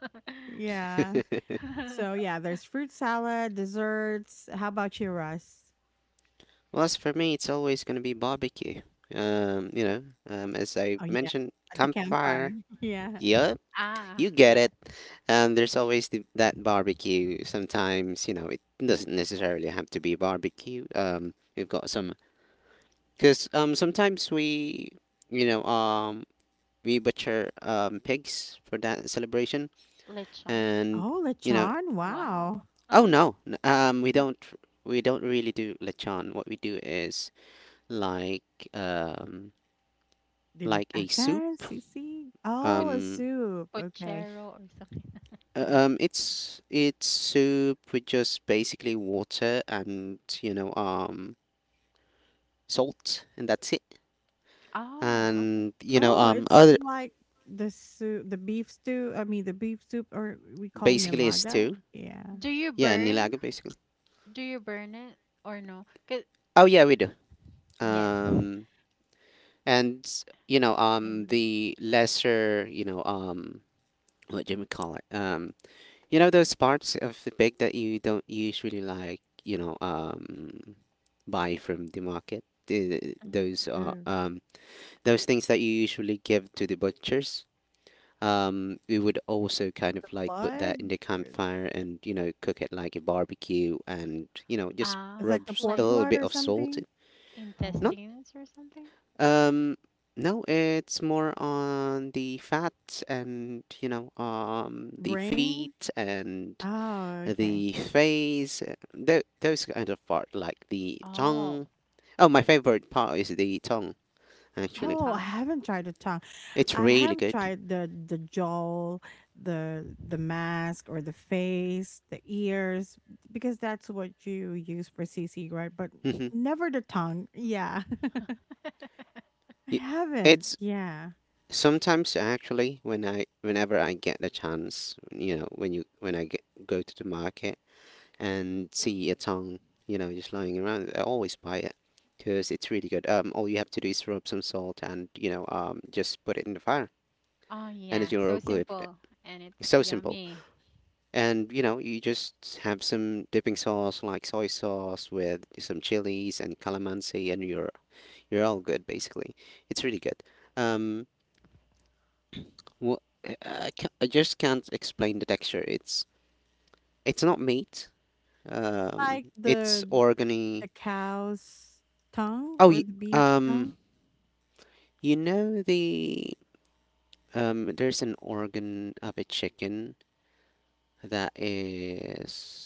[SPEAKER 1] Yeah. So yeah, there's fruit salad, desserts. How about you, Russ?
[SPEAKER 2] Well, as for me, it's always gonna be barbecue. Um, you know, as I
[SPEAKER 1] Oh yeah,
[SPEAKER 2] mentioned,
[SPEAKER 1] at the campfire.
[SPEAKER 2] campfire.
[SPEAKER 1] Yeah.
[SPEAKER 2] Yep,
[SPEAKER 3] Ah,
[SPEAKER 2] you get it.
[SPEAKER 3] yes.
[SPEAKER 2] And there's always that barbecue. Sometimes, it doesn't necessarily have to be barbecue. We've got some, because sometimes you know, um we butcher pigs for that celebration,
[SPEAKER 3] Lechon.
[SPEAKER 2] and
[SPEAKER 1] Oh,
[SPEAKER 2] you know,
[SPEAKER 1] lechon. Wow.
[SPEAKER 3] Wow.
[SPEAKER 2] oh no, we
[SPEAKER 3] No,
[SPEAKER 2] don't we don't really do lechon. What we do is like um like a soup.
[SPEAKER 1] Dinagdagan, sisig.
[SPEAKER 3] put
[SPEAKER 1] Oh, a
[SPEAKER 2] Um,
[SPEAKER 1] soup. Okay.
[SPEAKER 3] pochero or something. No.
[SPEAKER 2] it's soup with just basically water and salt, and that's it.
[SPEAKER 3] Ah, okay.
[SPEAKER 2] And
[SPEAKER 1] Oh, it's
[SPEAKER 2] other,
[SPEAKER 1] like the soup, the beef stew. I mean, the beef soup, or we call
[SPEAKER 2] basically, is
[SPEAKER 1] nilaga.
[SPEAKER 2] stew.
[SPEAKER 1] Yeah.
[SPEAKER 3] Do you
[SPEAKER 2] Yeah,
[SPEAKER 3] burn?
[SPEAKER 2] nilaga basically.
[SPEAKER 3] Do you burn it or no? 'Cause
[SPEAKER 2] Oh yeah, we do.
[SPEAKER 3] yes,
[SPEAKER 2] Um, and
[SPEAKER 3] I know.
[SPEAKER 2] the lesser, what do we call it? Those parts of the pig that you don't usually like, buy from the market. The,
[SPEAKER 3] Mhm.
[SPEAKER 1] Uh,
[SPEAKER 2] those things that you usually give to the butchers. We would also kind of like put
[SPEAKER 1] blood.
[SPEAKER 2] that in the
[SPEAKER 1] Or—
[SPEAKER 2] campfire and, cook it like a barbecue and, just
[SPEAKER 1] it's
[SPEAKER 3] Ah,
[SPEAKER 1] like
[SPEAKER 2] rub
[SPEAKER 1] the pork
[SPEAKER 2] a
[SPEAKER 3] like
[SPEAKER 2] little
[SPEAKER 1] blood
[SPEAKER 2] bit
[SPEAKER 1] or
[SPEAKER 2] of salt.
[SPEAKER 1] something. Oh,
[SPEAKER 2] No,
[SPEAKER 3] intestines or something?
[SPEAKER 2] um, no, it's more on the fat and, the
[SPEAKER 1] brain.
[SPEAKER 2] feet and
[SPEAKER 1] Oh, okay.
[SPEAKER 2] the face, those kind of part, like the
[SPEAKER 3] Oh,
[SPEAKER 2] tongue. Oh, my favorite part is the tongue,
[SPEAKER 3] the
[SPEAKER 2] actually.
[SPEAKER 1] Oh, I
[SPEAKER 3] tongue.
[SPEAKER 1] haven't tried the tongue.
[SPEAKER 2] It's
[SPEAKER 1] I
[SPEAKER 2] really
[SPEAKER 1] have
[SPEAKER 2] good.
[SPEAKER 1] tried the jaw, the mask, or the face, the ears, because that's what you use for CC, right? But
[SPEAKER 2] Hmm.
[SPEAKER 1] never the tongue. Yeah. I
[SPEAKER 2] Y-
[SPEAKER 1] haven't.
[SPEAKER 2] It's
[SPEAKER 1] Yeah.
[SPEAKER 2] Sometimes actually, whenever I get the chance, when I go to the market and see a tongue, just lying around, I always buy it because it's really good. All you have to do is rub some salt and, just put it in the fire,
[SPEAKER 3] Oh,
[SPEAKER 2] and
[SPEAKER 3] yeah.
[SPEAKER 2] it's you're
[SPEAKER 3] So
[SPEAKER 2] all good.
[SPEAKER 3] simple and it's
[SPEAKER 2] It's so simple,
[SPEAKER 3] yummy.
[SPEAKER 2] and you just have some dipping sauce like soy sauce with some chilies and calamansi, and you're all good basically. It's really good. Um, Well, I just can't explain the texture. It's not meat.
[SPEAKER 1] Like
[SPEAKER 2] It's
[SPEAKER 1] the
[SPEAKER 2] organy.
[SPEAKER 1] cow's tongue
[SPEAKER 2] Oh,
[SPEAKER 1] or the beef tongue.
[SPEAKER 2] um, you know the there's an organ of a chicken that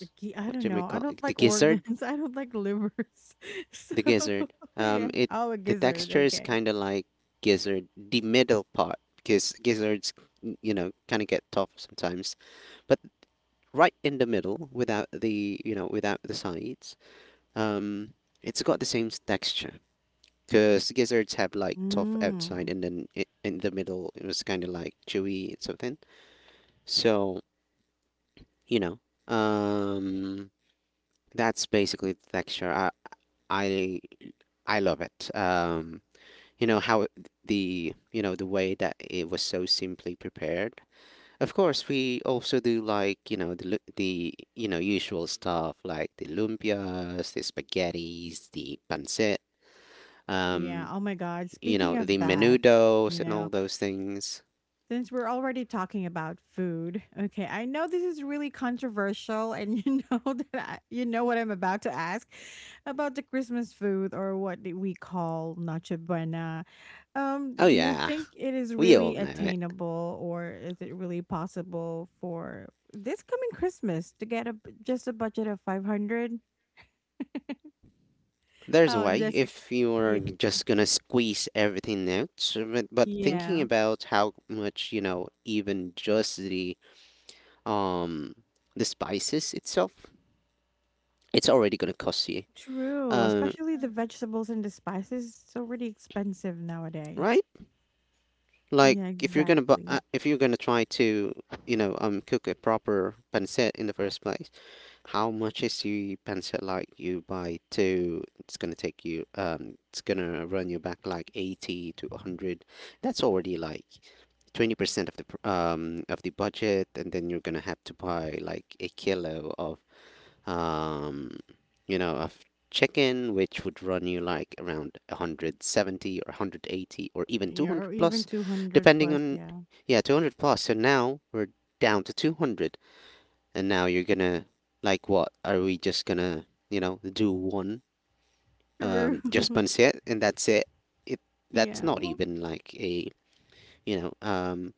[SPEAKER 1] The key, I
[SPEAKER 2] what
[SPEAKER 1] don't
[SPEAKER 2] do we
[SPEAKER 1] know. I
[SPEAKER 2] call
[SPEAKER 1] don't
[SPEAKER 2] it? The
[SPEAKER 1] like
[SPEAKER 2] gizzard?
[SPEAKER 1] organs. I don't like livers. So
[SPEAKER 2] The gizzard.
[SPEAKER 1] yeah.
[SPEAKER 2] It
[SPEAKER 1] Oh, a
[SPEAKER 2] The
[SPEAKER 1] gizzard.
[SPEAKER 2] texture is
[SPEAKER 1] Okay.
[SPEAKER 2] kind of like gizzard, the middle part, because gizzards, kind of get tough sometimes, but right in the middle without the you know without the sides. Um, it's got the same texture because gizzards have like tough outside,
[SPEAKER 1] Mm.
[SPEAKER 2] and then I in the middle it was kind of like chewy and something. So, you know, um, that's basically the texture. I I love it. You know how the you know the way that it was so simply prepared. Of course, we also do like, the usual stuff like the lumpias, the spaghettis, the pancit.
[SPEAKER 1] Yeah,
[SPEAKER 2] Um,
[SPEAKER 1] oh my god, speaking
[SPEAKER 2] The
[SPEAKER 1] of that,
[SPEAKER 2] menudos
[SPEAKER 1] you
[SPEAKER 2] and
[SPEAKER 1] know,
[SPEAKER 2] all those things.
[SPEAKER 1] since we're already talking about food, okay, I know this is really controversial and you know that I, you know what I'm about to ask about the Christmas food, or what do we call noche buena.
[SPEAKER 2] Oh
[SPEAKER 1] Do you
[SPEAKER 2] yeah,
[SPEAKER 1] think it is
[SPEAKER 2] we all
[SPEAKER 1] really
[SPEAKER 2] know it.
[SPEAKER 1] attainable, or is it really possible for this coming Christmas to get just a budget of 500?
[SPEAKER 2] There's a
[SPEAKER 1] Oh,
[SPEAKER 2] way
[SPEAKER 1] Jessica.
[SPEAKER 2] if you're just gonna squeeze everything out, so but thinking
[SPEAKER 1] Yeah.
[SPEAKER 2] about how much, even just um the spices itself, it's already gonna cost you.
[SPEAKER 1] True,
[SPEAKER 2] Um,
[SPEAKER 1] especially the
[SPEAKER 3] Mm-hmm.
[SPEAKER 1] vegetables and the spices. It's already expensive nowadays.
[SPEAKER 2] right? Like,
[SPEAKER 1] Yeah, exactly.
[SPEAKER 2] if you're gonna try to, cook a proper pancit in the first place, how much is, you pencil, like you buy two, it's gonna run you back like 80 to 100. That's already like 20% of the budget, and then you're gonna have to buy like a kilo of um you know of chicken which would run you like around 170 or 180 or even
[SPEAKER 1] Yeah,
[SPEAKER 2] 200
[SPEAKER 1] or even
[SPEAKER 2] plus,
[SPEAKER 1] 200
[SPEAKER 2] depending
[SPEAKER 1] plus.
[SPEAKER 2] on.
[SPEAKER 1] Yeah.
[SPEAKER 2] Yeah, 200 plus, so now we're down to 200. And now you're gonna, like, what? Are we just gonna, do one,
[SPEAKER 1] True.
[SPEAKER 2] just pancit, and that's it? It that's
[SPEAKER 1] Yeah.
[SPEAKER 2] not
[SPEAKER 1] Well,
[SPEAKER 2] even like a you know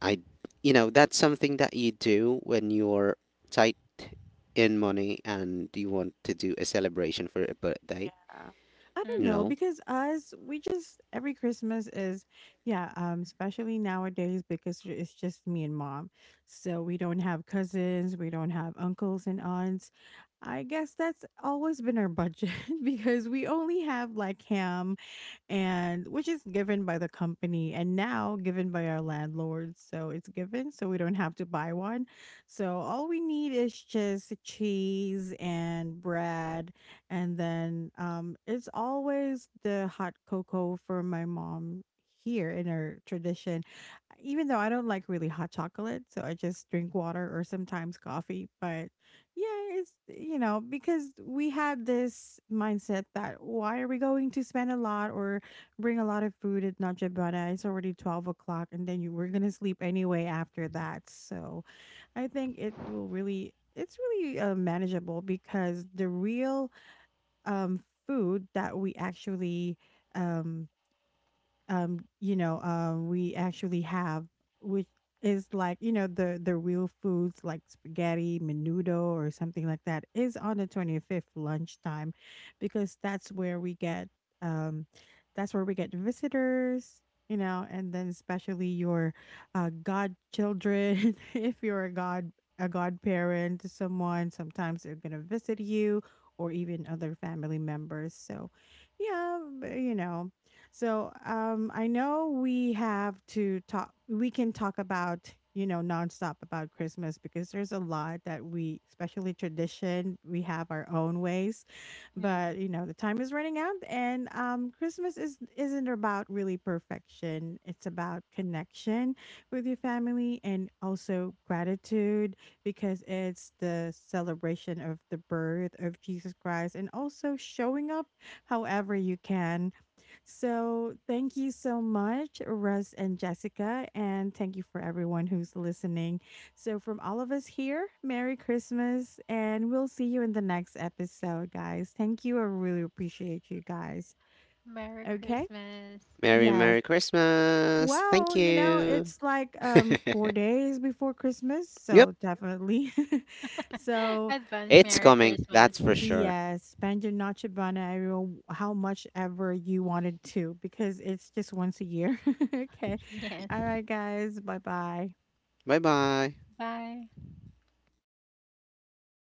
[SPEAKER 2] I you know that's something that you do when you're tight in money and you want to do a celebration for a birthday.
[SPEAKER 1] yeah. I don't
[SPEAKER 2] You
[SPEAKER 1] know
[SPEAKER 3] Mm-hmm.
[SPEAKER 2] know,
[SPEAKER 1] because us, we just every Christmas is, yeah, especially nowadays because it's just me and mom. So we don't have cousins, we don't have uncles and aunts. I guess that's always been our budget because we only have like ham and, which is given by the company and now given by our landlords. So it's given, so we don't have to buy one. So all we need is just cheese and bread, and then, it's always the hot cocoa for my mom here in our tradition, even though I don't like really hot chocolate, so I just drink water or sometimes coffee. But yeah, it's, you know, because we had this mindset that why are we going to spend a lot or bring a lot of food at Najibana? It's already 12 o'clock and then you were going to sleep anyway after that. So I think it will really, it's really, manageable because the real, um, food that we actually, um, you know, we actually have, which is like, you know, the real foods like spaghetti, menudo, or something like that, is on the 25th lunchtime, because that's where we get, um, that's where we get visitors, you know, and then especially your, godchildren, if you're a godparent to someone, sometimes they're gonna visit you, or even other family members. So, yeah, but, you know. So I know we have to talk. We can talk about, you know, nonstop about Christmas because there's a lot that we, especially tradition, we have our own ways.
[SPEAKER 3] Mm.
[SPEAKER 1] But you know the time is running out, and Christmas is isn't about really perfection. It's about connection with your family and also gratitude because it's the celebration of the birth of Jesus Christ, and also showing up however you can. So, thank you so much, Russ and Jessica, and thank you for everyone who's listening. So, from all of us here, Merry Christmas, and we'll see you in the next episode, guys. Thank you. I really appreciate you guys.
[SPEAKER 3] Merry
[SPEAKER 1] Okay?
[SPEAKER 3] Christmas.
[SPEAKER 2] Merry
[SPEAKER 1] Yes.
[SPEAKER 2] Merry Christmas. Thank
[SPEAKER 1] Well, you know,
[SPEAKER 2] you.
[SPEAKER 1] it's like, um, 4 days before Christmas,
[SPEAKER 2] Yep,
[SPEAKER 1] so definitely. So,
[SPEAKER 3] Advance
[SPEAKER 2] it's
[SPEAKER 3] Merry
[SPEAKER 2] coming.
[SPEAKER 3] Christmas.
[SPEAKER 2] That's for sure.
[SPEAKER 1] yes, spend your Noche Buena every— how much ever you wanted to, because it's just once a year. Okay.
[SPEAKER 3] Yes.
[SPEAKER 1] All right, guys. Bye bye.
[SPEAKER 2] Bye bye.
[SPEAKER 3] Bye.